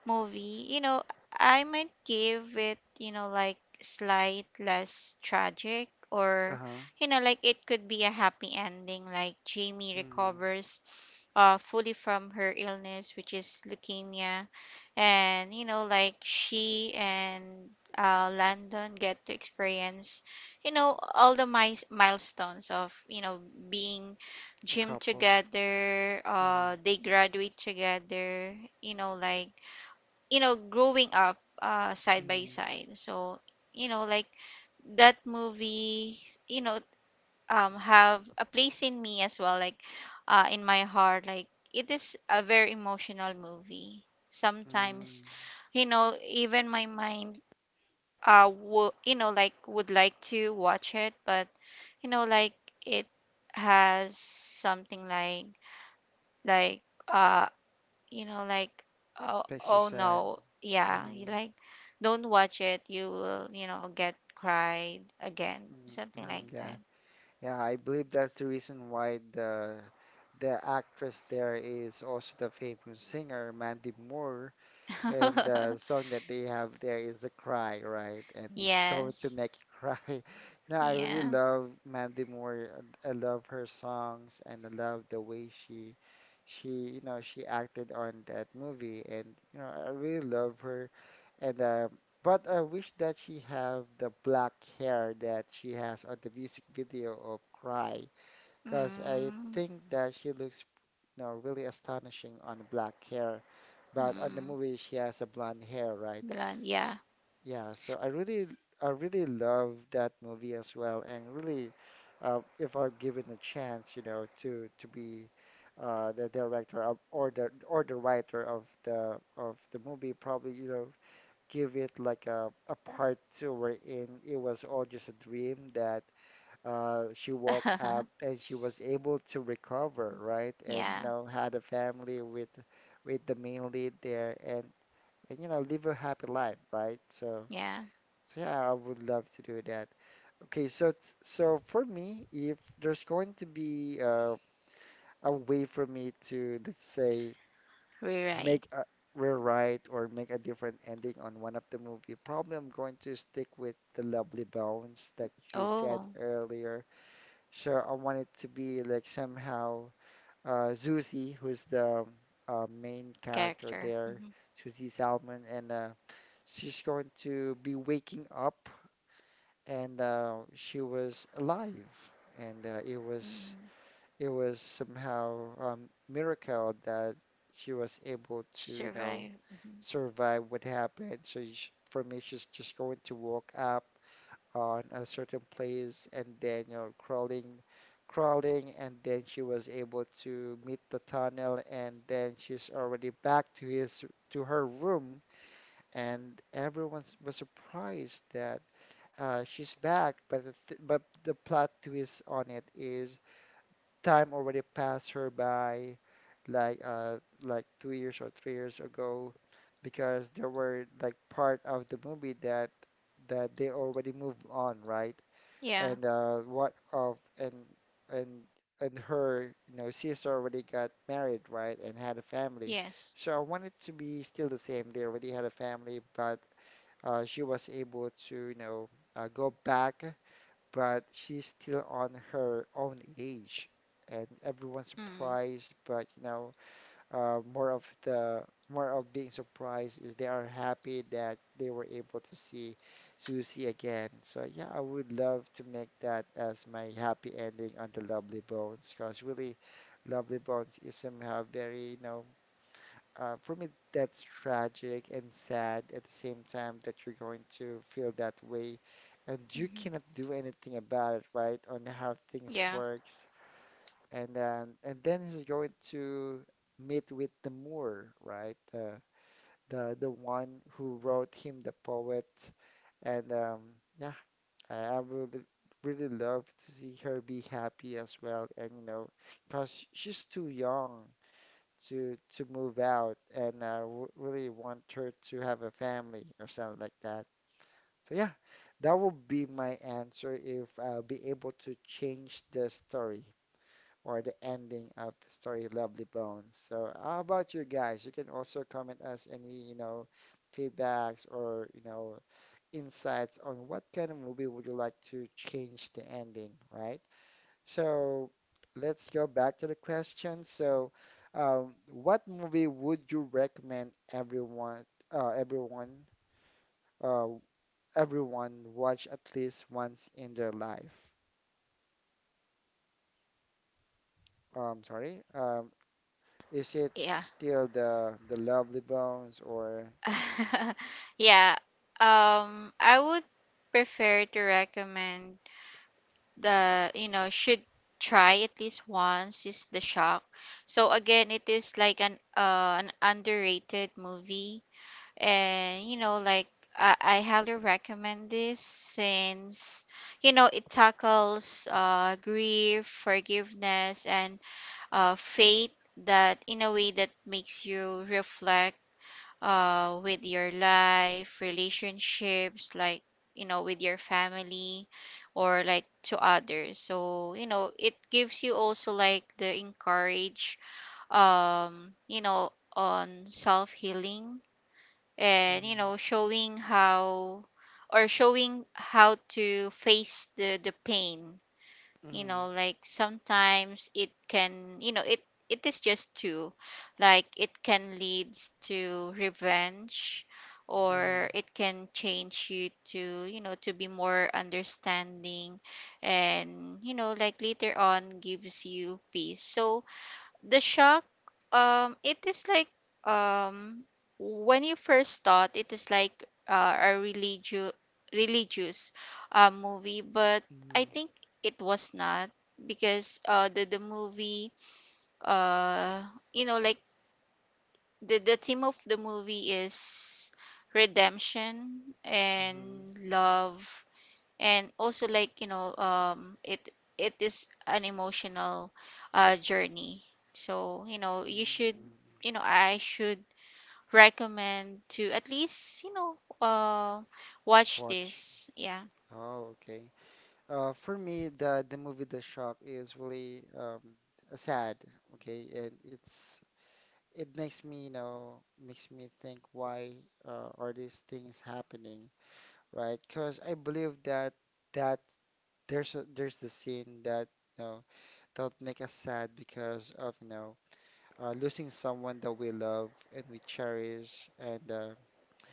Speaker 2: movie, I might give it, slight less tragic. Or
Speaker 1: Uh-huh.
Speaker 2: you know, like It could be a happy ending, like Jamie
Speaker 1: Hmm.
Speaker 2: recovers fully from her illness, which is leukemia, and she and Landon get to experience all the milestones of being
Speaker 1: A
Speaker 2: gym
Speaker 1: couple.
Speaker 2: together.
Speaker 1: Hmm,
Speaker 2: They graduate together, you know like growing up side by
Speaker 1: hmm,
Speaker 2: side. So, you know like that movie, you know have a place in me as well, like in my heart. Like, it is a very emotional movie sometimes.
Speaker 1: hmm.
Speaker 2: Even my mind, would like to watch it, but you know like it has something like, like uh you know, like, oh,
Speaker 1: Makes you
Speaker 2: oh
Speaker 1: sad.
Speaker 2: no, yeah, you
Speaker 1: Hmm.
Speaker 2: like, don't watch it. You will, get cried again,
Speaker 1: Mm,
Speaker 2: something like
Speaker 1: mm, yeah, yeah. I believe that's the reason why the actress there is also the famous singer Mandy Moore. And
Speaker 2: that.
Speaker 1: the song that they have there is The Cry, right? And it's going to
Speaker 2: Yes,
Speaker 1: make you cry. I really
Speaker 2: yeah,
Speaker 1: love Mandy Moore. I love her songs, and I love the way she, she acted on that movie, and I really love her. And but I wish that she have the black hair that she has on the music video of Cry, because I
Speaker 2: mm,
Speaker 1: think that she looks, really astonishing on black hair, but on the
Speaker 2: mm,
Speaker 1: movie she has a blonde hair, right?
Speaker 2: blonde, yeah,
Speaker 1: S- Yeah, so I really love that movie as well, and really, if I'm given a chance, to be the director of, or the writer of the movie, probably, give it like a part two wherein it was all just a dream that she woke up and she was able to recover, right? And you
Speaker 2: yeah,
Speaker 1: know, had a family with the main lead there, and and live a happy life, right? So,
Speaker 2: yeah,
Speaker 1: so yeah, I would love to do that. Okay, so for me, if there's going to be a way for me to, let's say,
Speaker 2: rewrite.
Speaker 1: make a rewrite or make a different ending on one of the movie, probably I'm going to stick with the Lovely Bones that you said
Speaker 2: Oh,
Speaker 1: earlier. So I want it to be like somehow Susie, who's the main character
Speaker 2: character.
Speaker 1: there,
Speaker 2: Hmm.
Speaker 1: Susie Salmon, and she's going to be waking up, and she was alive, and it was
Speaker 2: Hmm.
Speaker 1: somehow miracle that she was able
Speaker 2: She
Speaker 1: to,
Speaker 2: survived. Hmm.
Speaker 1: survive what happened. So sh for me, she's just going to walk up on a certain place and then crawling and then she was able to meet the tunnel, and then she's already back to his to her room, and everyone was surprised that she's back. But the th but the plot twist on it is time already passed her by, like uh like 2 years or 3 years ago, because there were like part of the movie that they already moved on, right?
Speaker 2: Yeah,
Speaker 1: And what of and and her, you know, she's already got married, right, and had a family.
Speaker 2: yes,
Speaker 1: So I want it to be still the same. They already had a family, but she was able to, go back, but she's still on her own age, and everyone's
Speaker 2: mm-hmm.
Speaker 1: surprised. But uh, more of the more of being surprised is they are happy that they were able to see Susie again. So yeah, I would love to make that as my happy ending on the Lovely Bones, because really, Lovely Bones is somehow very, for me, that's tragic and sad at the same time, that you're going to feel that way and you
Speaker 2: Mm-hmm.
Speaker 1: cannot do anything about it, right? On how things
Speaker 2: Yeah,
Speaker 1: work. And then he's going to meet with the Moor, right? The one who wrote him the poet, and yeah, I would really love to see her be happy as well, and you know, because she's too young to move out, and I w really want her to have a family or something like that. So yeah, that would be my answer if I'll be able to change the story or the ending of the story Lovely Bones. So how about you guys? You can also comment us any, you know, feedbacks or, you know, insights on what kind of movie would you like to change the ending, right? So let's go back to the question. So what movie would you recommend uh, everyone uh, everyone watch at least once in their life? Sorry. Is it
Speaker 2: yeah.
Speaker 1: still the Lovely Bones or
Speaker 2: yeah. I would prefer to recommend should try at least once is the shock. So again, it is like an underrated movie, and I highly recommend this, since it tackles grief, forgiveness, and faith, that in a way that makes you reflect with your life, relationships, with your family or like to others. So, it gives you also like the encourage, um, you know, on self healing and,
Speaker 1: Mm-hmm.
Speaker 2: showing how or showing how to face the pain.
Speaker 1: Mm-hmm.
Speaker 2: Sometimes it can, it is just two, like it can leads to revenge, or it can change you to, to be more understanding, and later on gives you peace. So the shock, it is like, um, when you first thought, it is like a religious religious movie, but I
Speaker 1: Mm-hmm.
Speaker 2: think it was not because the movie, uh, you know like the theme of the movie is redemption
Speaker 1: Mm-hmm.
Speaker 2: and love, and also like, it is an emotional journey. So you know you should
Speaker 1: Mm-hmm.
Speaker 2: you know I should recommend to at least watch
Speaker 1: Watch.
Speaker 2: this, yeah.
Speaker 1: Oh, okay. For me, the movie The Shop is really sad. Okay, and it makes me, you know, makes me think why are these things happening, right? Because I believe that that there's a, there's the scene that, you know, that make us sad because of, you know, losing someone that we love and we cherish, and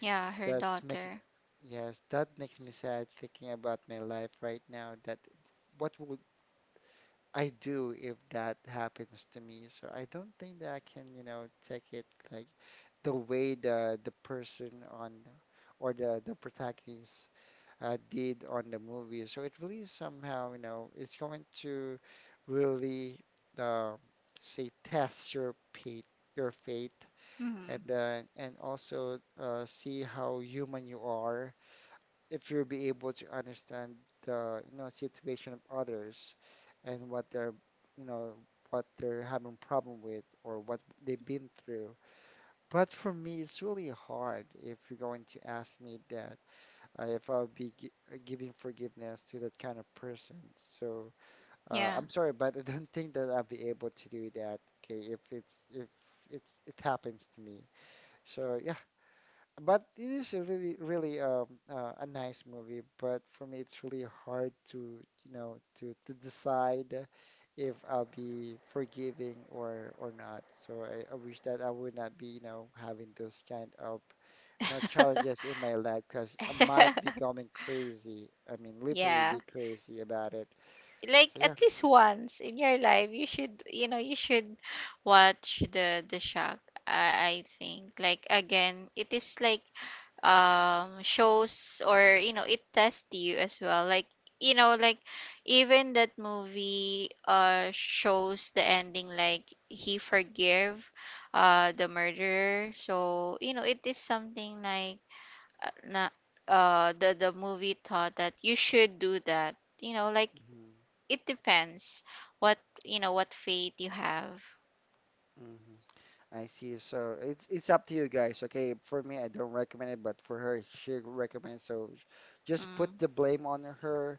Speaker 2: Yeah, her
Speaker 1: that's making
Speaker 2: daughter.
Speaker 1: yes, that makes me sad thinking about my life right now. That what would I do if that happens to me? So I don't think that I can, you know, take it like the way the person on or the protagonist did on the movie. So it really somehow, you know, it's going to really uh, say test your fate, your fate and
Speaker 2: Hmm.
Speaker 1: then and also see how human you are, if you'll be able to understand the, you know, situation of others and what they're, you know, what they're having problem with or what they've been through. But for me, it's really hard if you're going to ask me that, if I'll be giving forgiveness to that kind of person. So
Speaker 2: Yeah.
Speaker 1: I'm sorry, but I don't think that I'll be able to do that. Okay, if it happens to me, so yeah. But it is a really, really a nice movie. But for me, it's really hard to, you know, to decide if I'll be forgiving or not. So I wish that I would not be, you know, having those kind of, you know, challenges in my life, because I might be going crazy. I mean, literally
Speaker 2: Yeah,
Speaker 1: be crazy about it.
Speaker 2: like
Speaker 1: So
Speaker 2: at
Speaker 1: yeah.
Speaker 2: least once in your life, you should watch the shock. I think, like, again, it is like, shows, or it tests you as well, like, you know like even that movie shows the ending, like he forgive the murderer. So it is something like, na the movie thought that you should do that. you know like it depends what, what faith you have.
Speaker 1: Hmm. I see. So it's up to you guys. Okay, for me, I don't recommend it, but for her, she recommends. So sh- just put
Speaker 2: Mm.
Speaker 1: the blame on her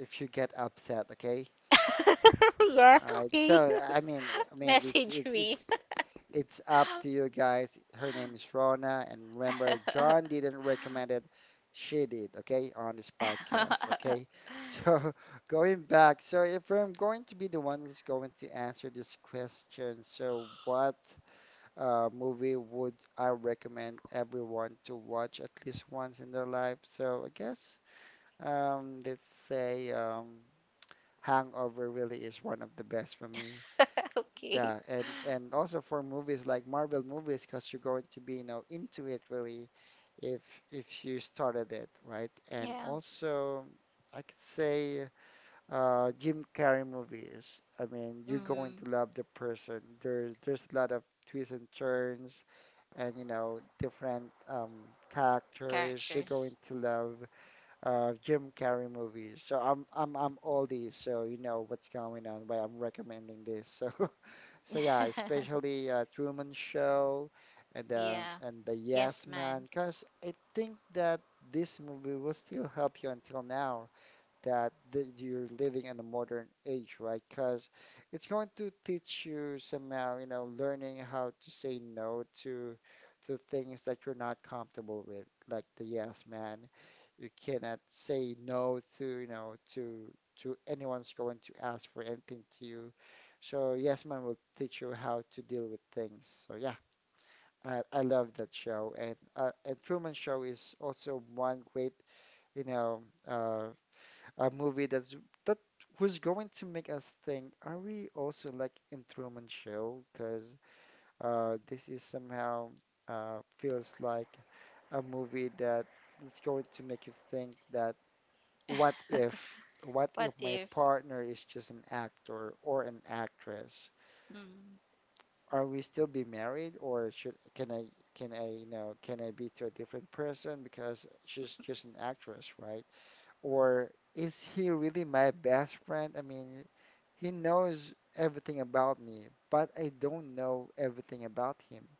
Speaker 1: if you get upset. Okay.
Speaker 2: Yeah,
Speaker 1: All right. So
Speaker 2: okay.
Speaker 1: I mean, I mean, it's
Speaker 2: Message
Speaker 1: it's it's
Speaker 2: me.
Speaker 1: it's up to you guys. Her name is Rona, and remember, John didn't recommend it. She did. Okay, on this podcast. Okay. So going back. So if I'm going to be the one who's going to answer this question, so what movie would I recommend everyone to watch at least once in their life? So I guess let's say Hangover really is one of the best for me.
Speaker 2: Okay.
Speaker 1: Yeah, and also for movies like Marvel movies, because you're going to be, you know, into it really if if you started it, right? And
Speaker 2: Yeah.
Speaker 1: also I could say Jim Carrey movies. I mean, you're going
Speaker 2: Mm-hmm.
Speaker 1: to love the person. There's a lot of twists and turns and you know different characters you're going
Speaker 2: Characters.
Speaker 1: to love, Jim Carrey movies. So I'm oldie, so you know what's going on, why I'm recommending this. So so yeah, especially Truman Show and
Speaker 2: Yeah.
Speaker 1: the
Speaker 2: Yes,
Speaker 1: Yes Man,
Speaker 2: man.
Speaker 1: because I think that this movie will still help you until now, that you're living in a modern age, right? Because it's going to teach you somehow, you know, learning how to say no to things that you're not comfortable with, like the yes man. You cannot say no to, you know, to anyone's going to ask for anything to you. So yes man will teach you how to deal with things. So yeah, I love that show, and Truman Show is also one great, you know, uh, a movie that's that who's going to make us think, are we also like in Truman Show? Because this is somehow feels like a movie that is going to make you think that what if
Speaker 2: What
Speaker 1: my
Speaker 2: if?
Speaker 1: partner is just an actor or an actress?
Speaker 2: Mm,
Speaker 1: Are we still be married, or should can I, you know, can I be to a different person because she's just an actress, right? Or is he really my best friend? I mean, he knows everything about me, but I don't know everything about him.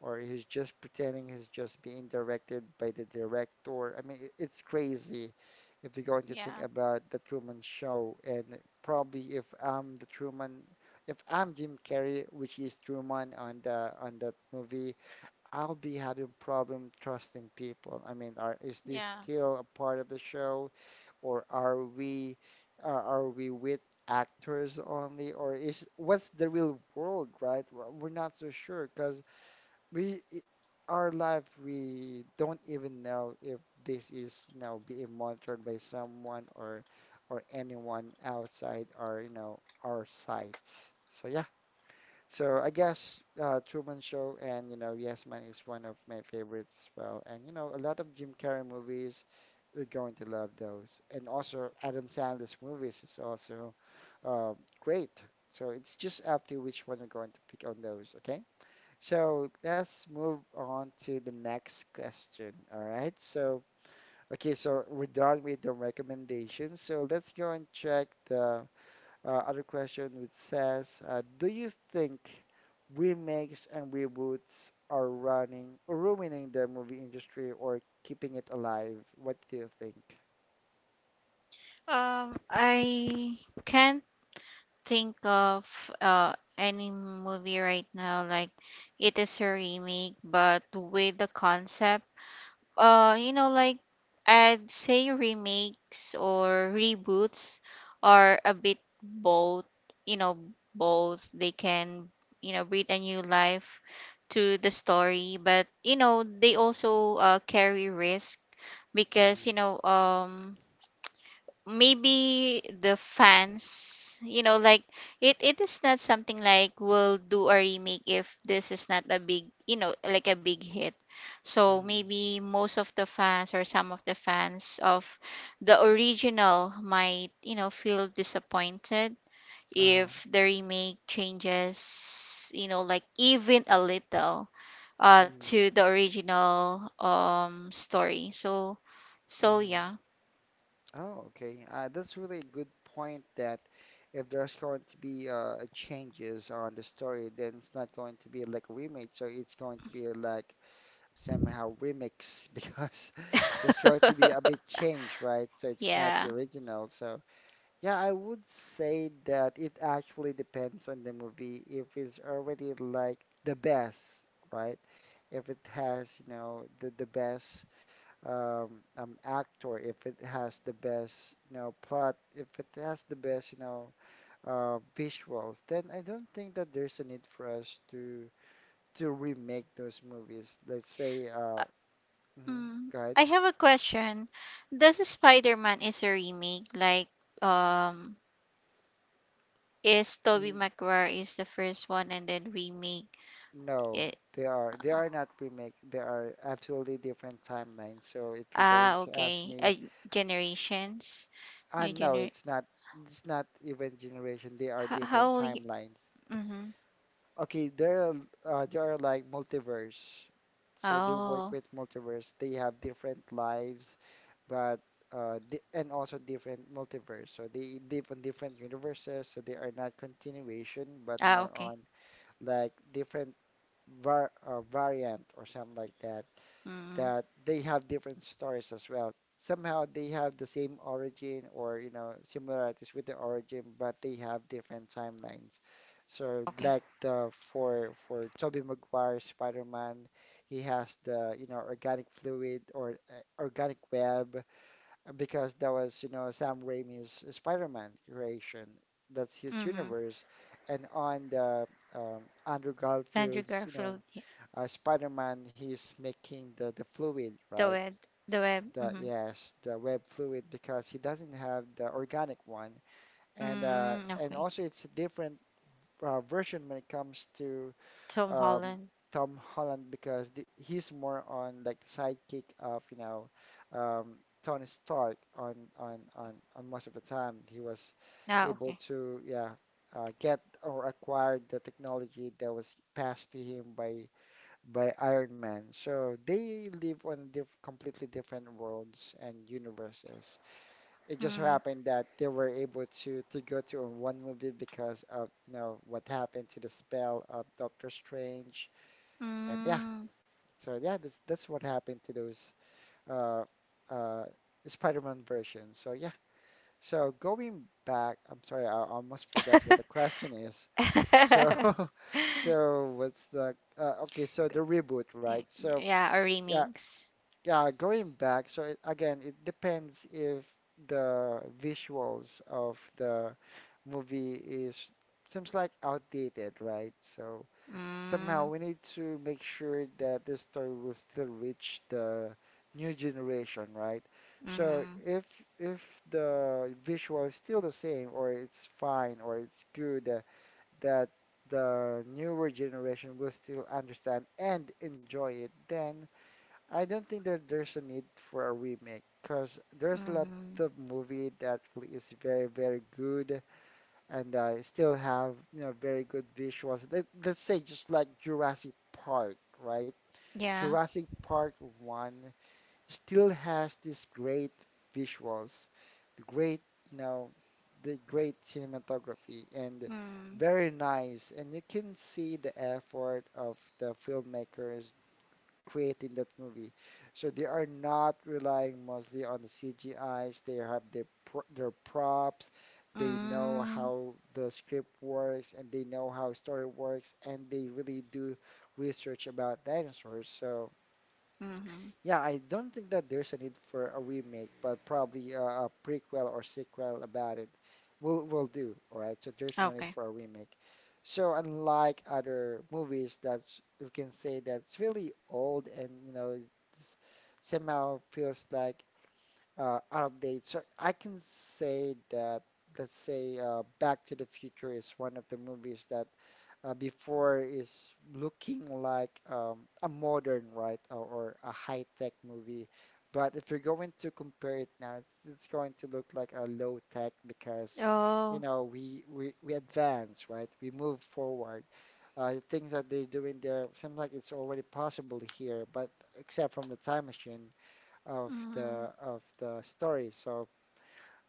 Speaker 1: Or he's just pretending, he's just being directed by the director. I mean, it- it's crazy if you're going to think
Speaker 2: yeah.
Speaker 1: about the Truman Show. And probably if I'm the Truman, if I'm Jim Carrey, which is Truman on the on that movie, I'll be having problem trusting people. I mean, are is this
Speaker 2: Yeah.
Speaker 1: still a part of the show? Or are we with actors only, or is what's the real world, right? We're not so sure, because we i- our life, we don't even know if this is, you know, being monitored by someone or anyone outside our, you know, our sight. So yeah, so I guess Truman Show and, you know, Yes Man is one of my favorites as well. And you know, a lot of Jim Carrey movies, you're going to love those. And also Adam Sandler's movies is also uh, great. So it's just up to which one you're going to pick on those. Okay. So let's move on to the next question. All right. So okay. So we're done with the recommendations. So let's go and check the other question, which says, do you think remakes and reboots are running or ruining the movie industry or keeping it alive? What do you think?
Speaker 2: I can't think of any movie right now. Like, it is a remake, but with the concept. uh you know like I'd say remakes or reboots are a bit both. you know they can, breathe a new life to the story, but they also carry risk,
Speaker 1: Mm-hmm.
Speaker 2: because maybe the fans, it it is not something like we'll do a remake if this is not a big, a big hit. So
Speaker 1: Mm-hmm.
Speaker 2: maybe most of the fans or some of the fans of the original might, feel disappointed
Speaker 1: Uh-huh.
Speaker 2: if the remake changes, even a little
Speaker 1: Mm-hmm.
Speaker 2: to the original story. So, so
Speaker 1: Mm-hmm.
Speaker 2: yeah.
Speaker 1: Oh, okay. That's really a good point, that if there's going to be changes on the story, then it's not going to be like a remake, so it's going to be like somehow remix because there's going to be a bit change, right? So it's not the
Speaker 2: Yeah.
Speaker 1: original. So yeah, I would say that it actually depends on the movie. If it's already like the best, right? If it has, you know, the best actor, if it has the best, you know, plot, if it has the best, you know, visuals, then I don't think that there's a need for us to remake those movies. Let's say
Speaker 2: Uh,
Speaker 1: hmm.
Speaker 2: mm.
Speaker 1: Right?
Speaker 2: I have a question. Does Spider-Man is a remake? Like, um is Tobey
Speaker 1: N
Speaker 2: Maguire is the first one and then remake
Speaker 1: No,
Speaker 2: it?
Speaker 1: they are not remake. They are absolutely different timelines. So if you're going
Speaker 2: Ah,
Speaker 1: to ask
Speaker 2: okay.
Speaker 1: me,
Speaker 2: Generations,
Speaker 1: ah
Speaker 2: new
Speaker 1: no,
Speaker 2: gener.
Speaker 1: it's not. It's not even generation. They are
Speaker 2: How,
Speaker 1: different
Speaker 2: how will.
Speaker 1: timelines.
Speaker 2: Mm-hmm.
Speaker 1: Okay, there are like multiverse. So they work
Speaker 2: Oh.
Speaker 1: with multiverse. They have different lives, but di and also different multiverse. So they live on different universes. So they are not continuation, but
Speaker 2: Ah,
Speaker 1: more
Speaker 2: okay.
Speaker 1: on like different variant or something like that,
Speaker 2: Mm.
Speaker 1: that they have different stories as well. Somehow they have the same origin or, you know, similarities with the origin, but they have different timelines. So
Speaker 2: Okay.
Speaker 1: like the for Tobey Maguire Spider-Man, he has the, you know, organic fluid or organic web because that was, you know, Sam Raimi's Spider-Man creation. That's his
Speaker 2: Mm-hmm.
Speaker 1: universe. And on the Andrew
Speaker 2: Andrew
Speaker 1: Garfield's, you know,
Speaker 2: Garfield. Yeah.
Speaker 1: Spider-Man, he's making the fluid,
Speaker 2: The
Speaker 1: right?
Speaker 2: web. The web.
Speaker 1: The
Speaker 2: Mm-hmm.
Speaker 1: yes, the web fluid because he doesn't have the organic one, and uh,
Speaker 2: Mm,
Speaker 1: and
Speaker 2: okay.
Speaker 1: also it's a different version when it comes to
Speaker 2: Tom
Speaker 1: um,
Speaker 2: Holland.
Speaker 1: Tom Holland because th he's more on like the sidekick of, you know, um, Tony Stark. On most of the time he was
Speaker 2: Ah,
Speaker 1: able
Speaker 2: okay.
Speaker 1: to, yeah, get or acquire the technology that was passed to him by Iron Man. So they live on diff completely different worlds and universes. It just so
Speaker 2: Mm.
Speaker 1: happened that they were able to go to in one movie because of, you know, what happened to the spell of Doctor Strange. And yeah,
Speaker 2: Mm.
Speaker 1: so, that's what happened to those uh uh Spider-Man versions. So yeah. So going back, I'm sorry, I almost forgot what the question is. So so what's the okay, so the reboot, right? So
Speaker 2: Yeah, or
Speaker 1: yeah,
Speaker 2: remakes.
Speaker 1: Yeah, going back, so it, again, it depends if the visuals of the movie is seems like outdated, right? So somehow
Speaker 2: Mm,
Speaker 1: we need to make sure that this story will still reach the new generation, right? So
Speaker 2: mm-hmm,
Speaker 1: if the visual is still the same or it's fine or it's good, that the newer generation will still understand and enjoy it, then I don't think that there's a need for a remake, because there's a lot
Speaker 2: mm-hmm.
Speaker 1: of movie that is very, very good and still have, you know, very good visuals. Let's say just like Jurassic Park, right?
Speaker 2: Yeah.
Speaker 1: Jurassic Park 1 still has these great visuals, the great, you know, the great cinematography and
Speaker 2: Mm,
Speaker 1: very nice. And you can see the effort of the filmmakers creating that movie. So they are not relying mostly on the CGIs. They have their pro their props. They know
Speaker 2: mm,
Speaker 1: how the script works and they know how story works, and they really do research about dinosaurs. So
Speaker 2: mm-hmm.
Speaker 1: yeah, I don't think that there's a need for a remake, but probably a prequel or sequel about it will do. All right, so there's no need
Speaker 2: Okay.
Speaker 1: for a remake. So unlike other movies that you can say that's really old and, you know, it's somehow feels like out of date. So I can say that, let's say, Back to the Future is one of the movies that before is looking like a modern, right, or a high-tech movie. But if you're going to compare it now, it's going to look like a low-tech because, you
Speaker 2: Oh.
Speaker 1: know, we advance, right? We move forward. The things that they're doing there seems like it's already possible here, but except from the time machine of
Speaker 2: Mm,
Speaker 1: the story. So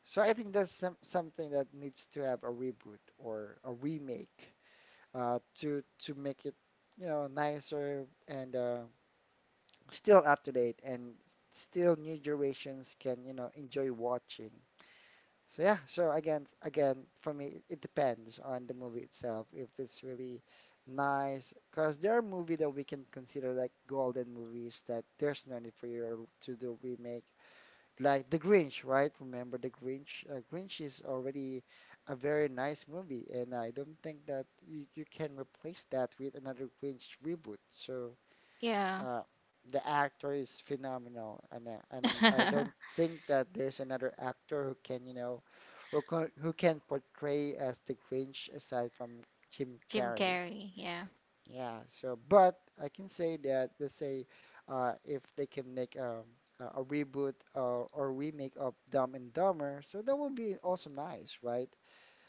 Speaker 1: so I think that's some, something that needs to have a reboot or a remake to make it, you know, nicer and, still up to date, and still new generations can, you know, enjoy watching. So yeah, so again for me it depends on the movie itself if it's really nice, because there are movies that we can consider like golden movies that there's no need for you to do remake, like The Grinch, right? Remember The Grinch? Grinch is already a very nice movie, and I don't think that you can replace that with another Grinch reboot. So
Speaker 2: yeah.
Speaker 1: uh, the actor is phenomenal, and and I don't think that there's another actor who can, you know, who can portray as the Grinch aside from Jim
Speaker 2: Jim
Speaker 1: Carrey.
Speaker 2: Carrey. Yeah.
Speaker 1: Yeah, so but I can say that, let's say, if they can make a reboot or remake of Dumb and Dumber, so that would be also nice, right?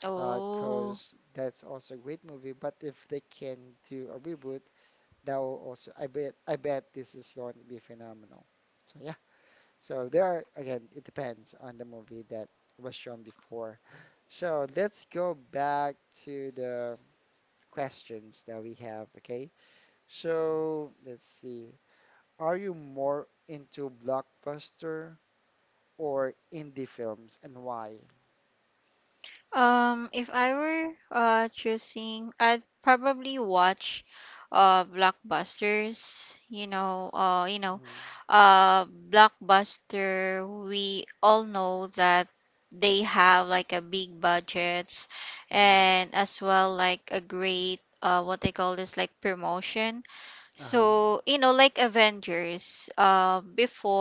Speaker 2: Oh.
Speaker 1: Because that's also a great movie. But if they can do a reboot, that will also, I bet this is going to be phenomenal. So yeah, so there are, again, it depends on the movie that was shown before. So let's go back to the questions that we have, okay? So let's see. Are you more into blockbuster or indie films, and why?
Speaker 2: If I were choosing, I'd probably watch blockbusters.
Speaker 1: Mm,
Speaker 2: Blockbuster. We all know that they have like a big budgets,
Speaker 1: mm,
Speaker 2: and as well like a great what they call this, like promotion.
Speaker 1: uh-huh,
Speaker 2: So, like Avengers.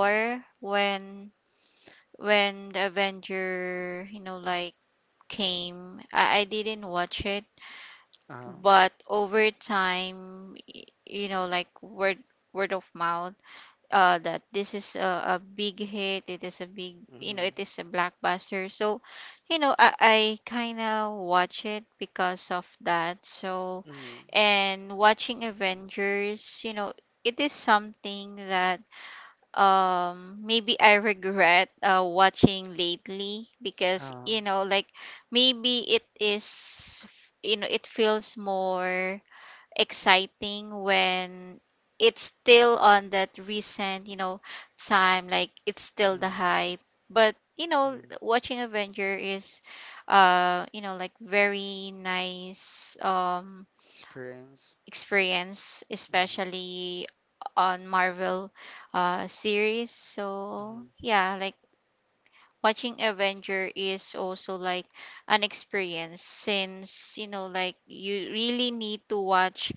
Speaker 1: mm,
Speaker 2: when the Avenger, came. I didn't watch it,
Speaker 1: uh-huh,
Speaker 2: but over time, word of mouth, that this is a big hit. It is a big,
Speaker 1: mm,
Speaker 2: it is a blockbuster. So, I kind of watch it because of that. So,
Speaker 1: mm,
Speaker 2: and watching Avengers, it is something that, maybe I regret watching lately, because
Speaker 1: uh-huh,
Speaker 2: maybe it is, it feels more exciting when it's still on that recent, time, like it's still the
Speaker 1: mm,
Speaker 2: hype. But
Speaker 1: mm.
Speaker 2: watching Avenger is very nice,
Speaker 1: Experience.
Speaker 2: experience,
Speaker 1: Mm,
Speaker 2: especially on Marvel series. So
Speaker 1: mm,
Speaker 2: yeah, like watching Avenger is also like an experience, since you really need to watch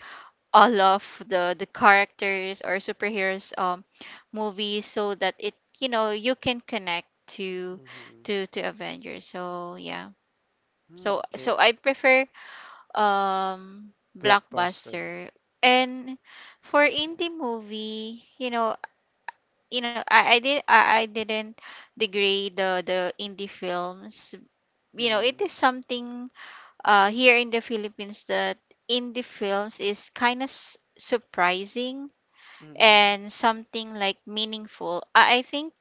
Speaker 2: all of the characters or superheroes, movies, so that it, you can connect to
Speaker 1: mm,
Speaker 2: to Avengers. So yeah.
Speaker 1: mm,
Speaker 2: So
Speaker 1: okay.
Speaker 2: so I prefer um
Speaker 1: Blockbuster.
Speaker 2: blockbuster. And for indie movie, you know I did I didn't degrade the indie films. It
Speaker 1: Mm,
Speaker 2: is something here in the Philippines that indie films is kind of surprising,
Speaker 1: mm, mm,
Speaker 2: and something like meaningful. I think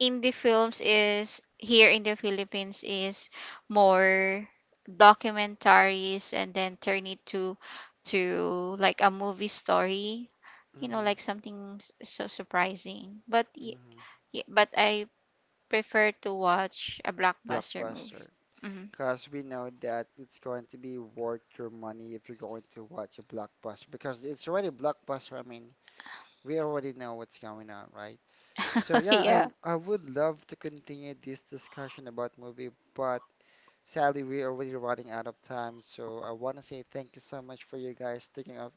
Speaker 2: indie films is, here in the Philippines, is more documentaries, and then turn it to like a movie story,
Speaker 1: mm,
Speaker 2: something so surprising. But
Speaker 1: mm.
Speaker 2: but I prefer to watch a blockbuster movie.
Speaker 1: Blockbuster.
Speaker 2: Mhm.
Speaker 1: Because we know that it's going to be worth your money if you're going to watch a blockbuster. Because it's already a blockbuster. I mean, we already know what's going on, right? So yeah, I
Speaker 2: Yeah.
Speaker 1: I would love to continue this discussion about movie, but sadly we're already running out of time. So I want to say thank you so much for you guys taking out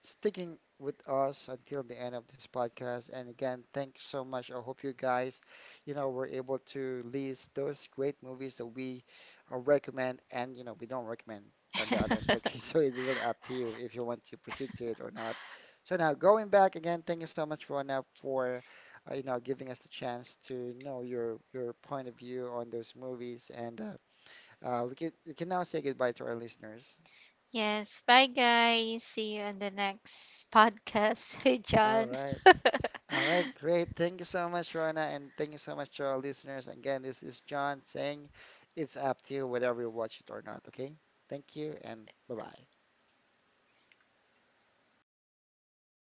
Speaker 1: sticking with us until the end of this podcast. And again, thanks so much. I hope you guys, you know, were able to list those great movies that we recommend and, you know, we don't recommend the others. Okay, so it's really up to you if you want to proceed to it or not. So now going back again, thank you so much, Rona, for, you know, giving us the chance to know your point of view on those movies. And we can now say goodbye to our listeners.
Speaker 2: Yes, bye guys. See you on the next podcast. Hey
Speaker 1: All
Speaker 2: John.
Speaker 1: right. All right, great. Thank you so much, Rona, and thank you so much to our listeners. Again, this is John saying it's up to you whether you watch it or not, okay? Thank you, and bye-bye.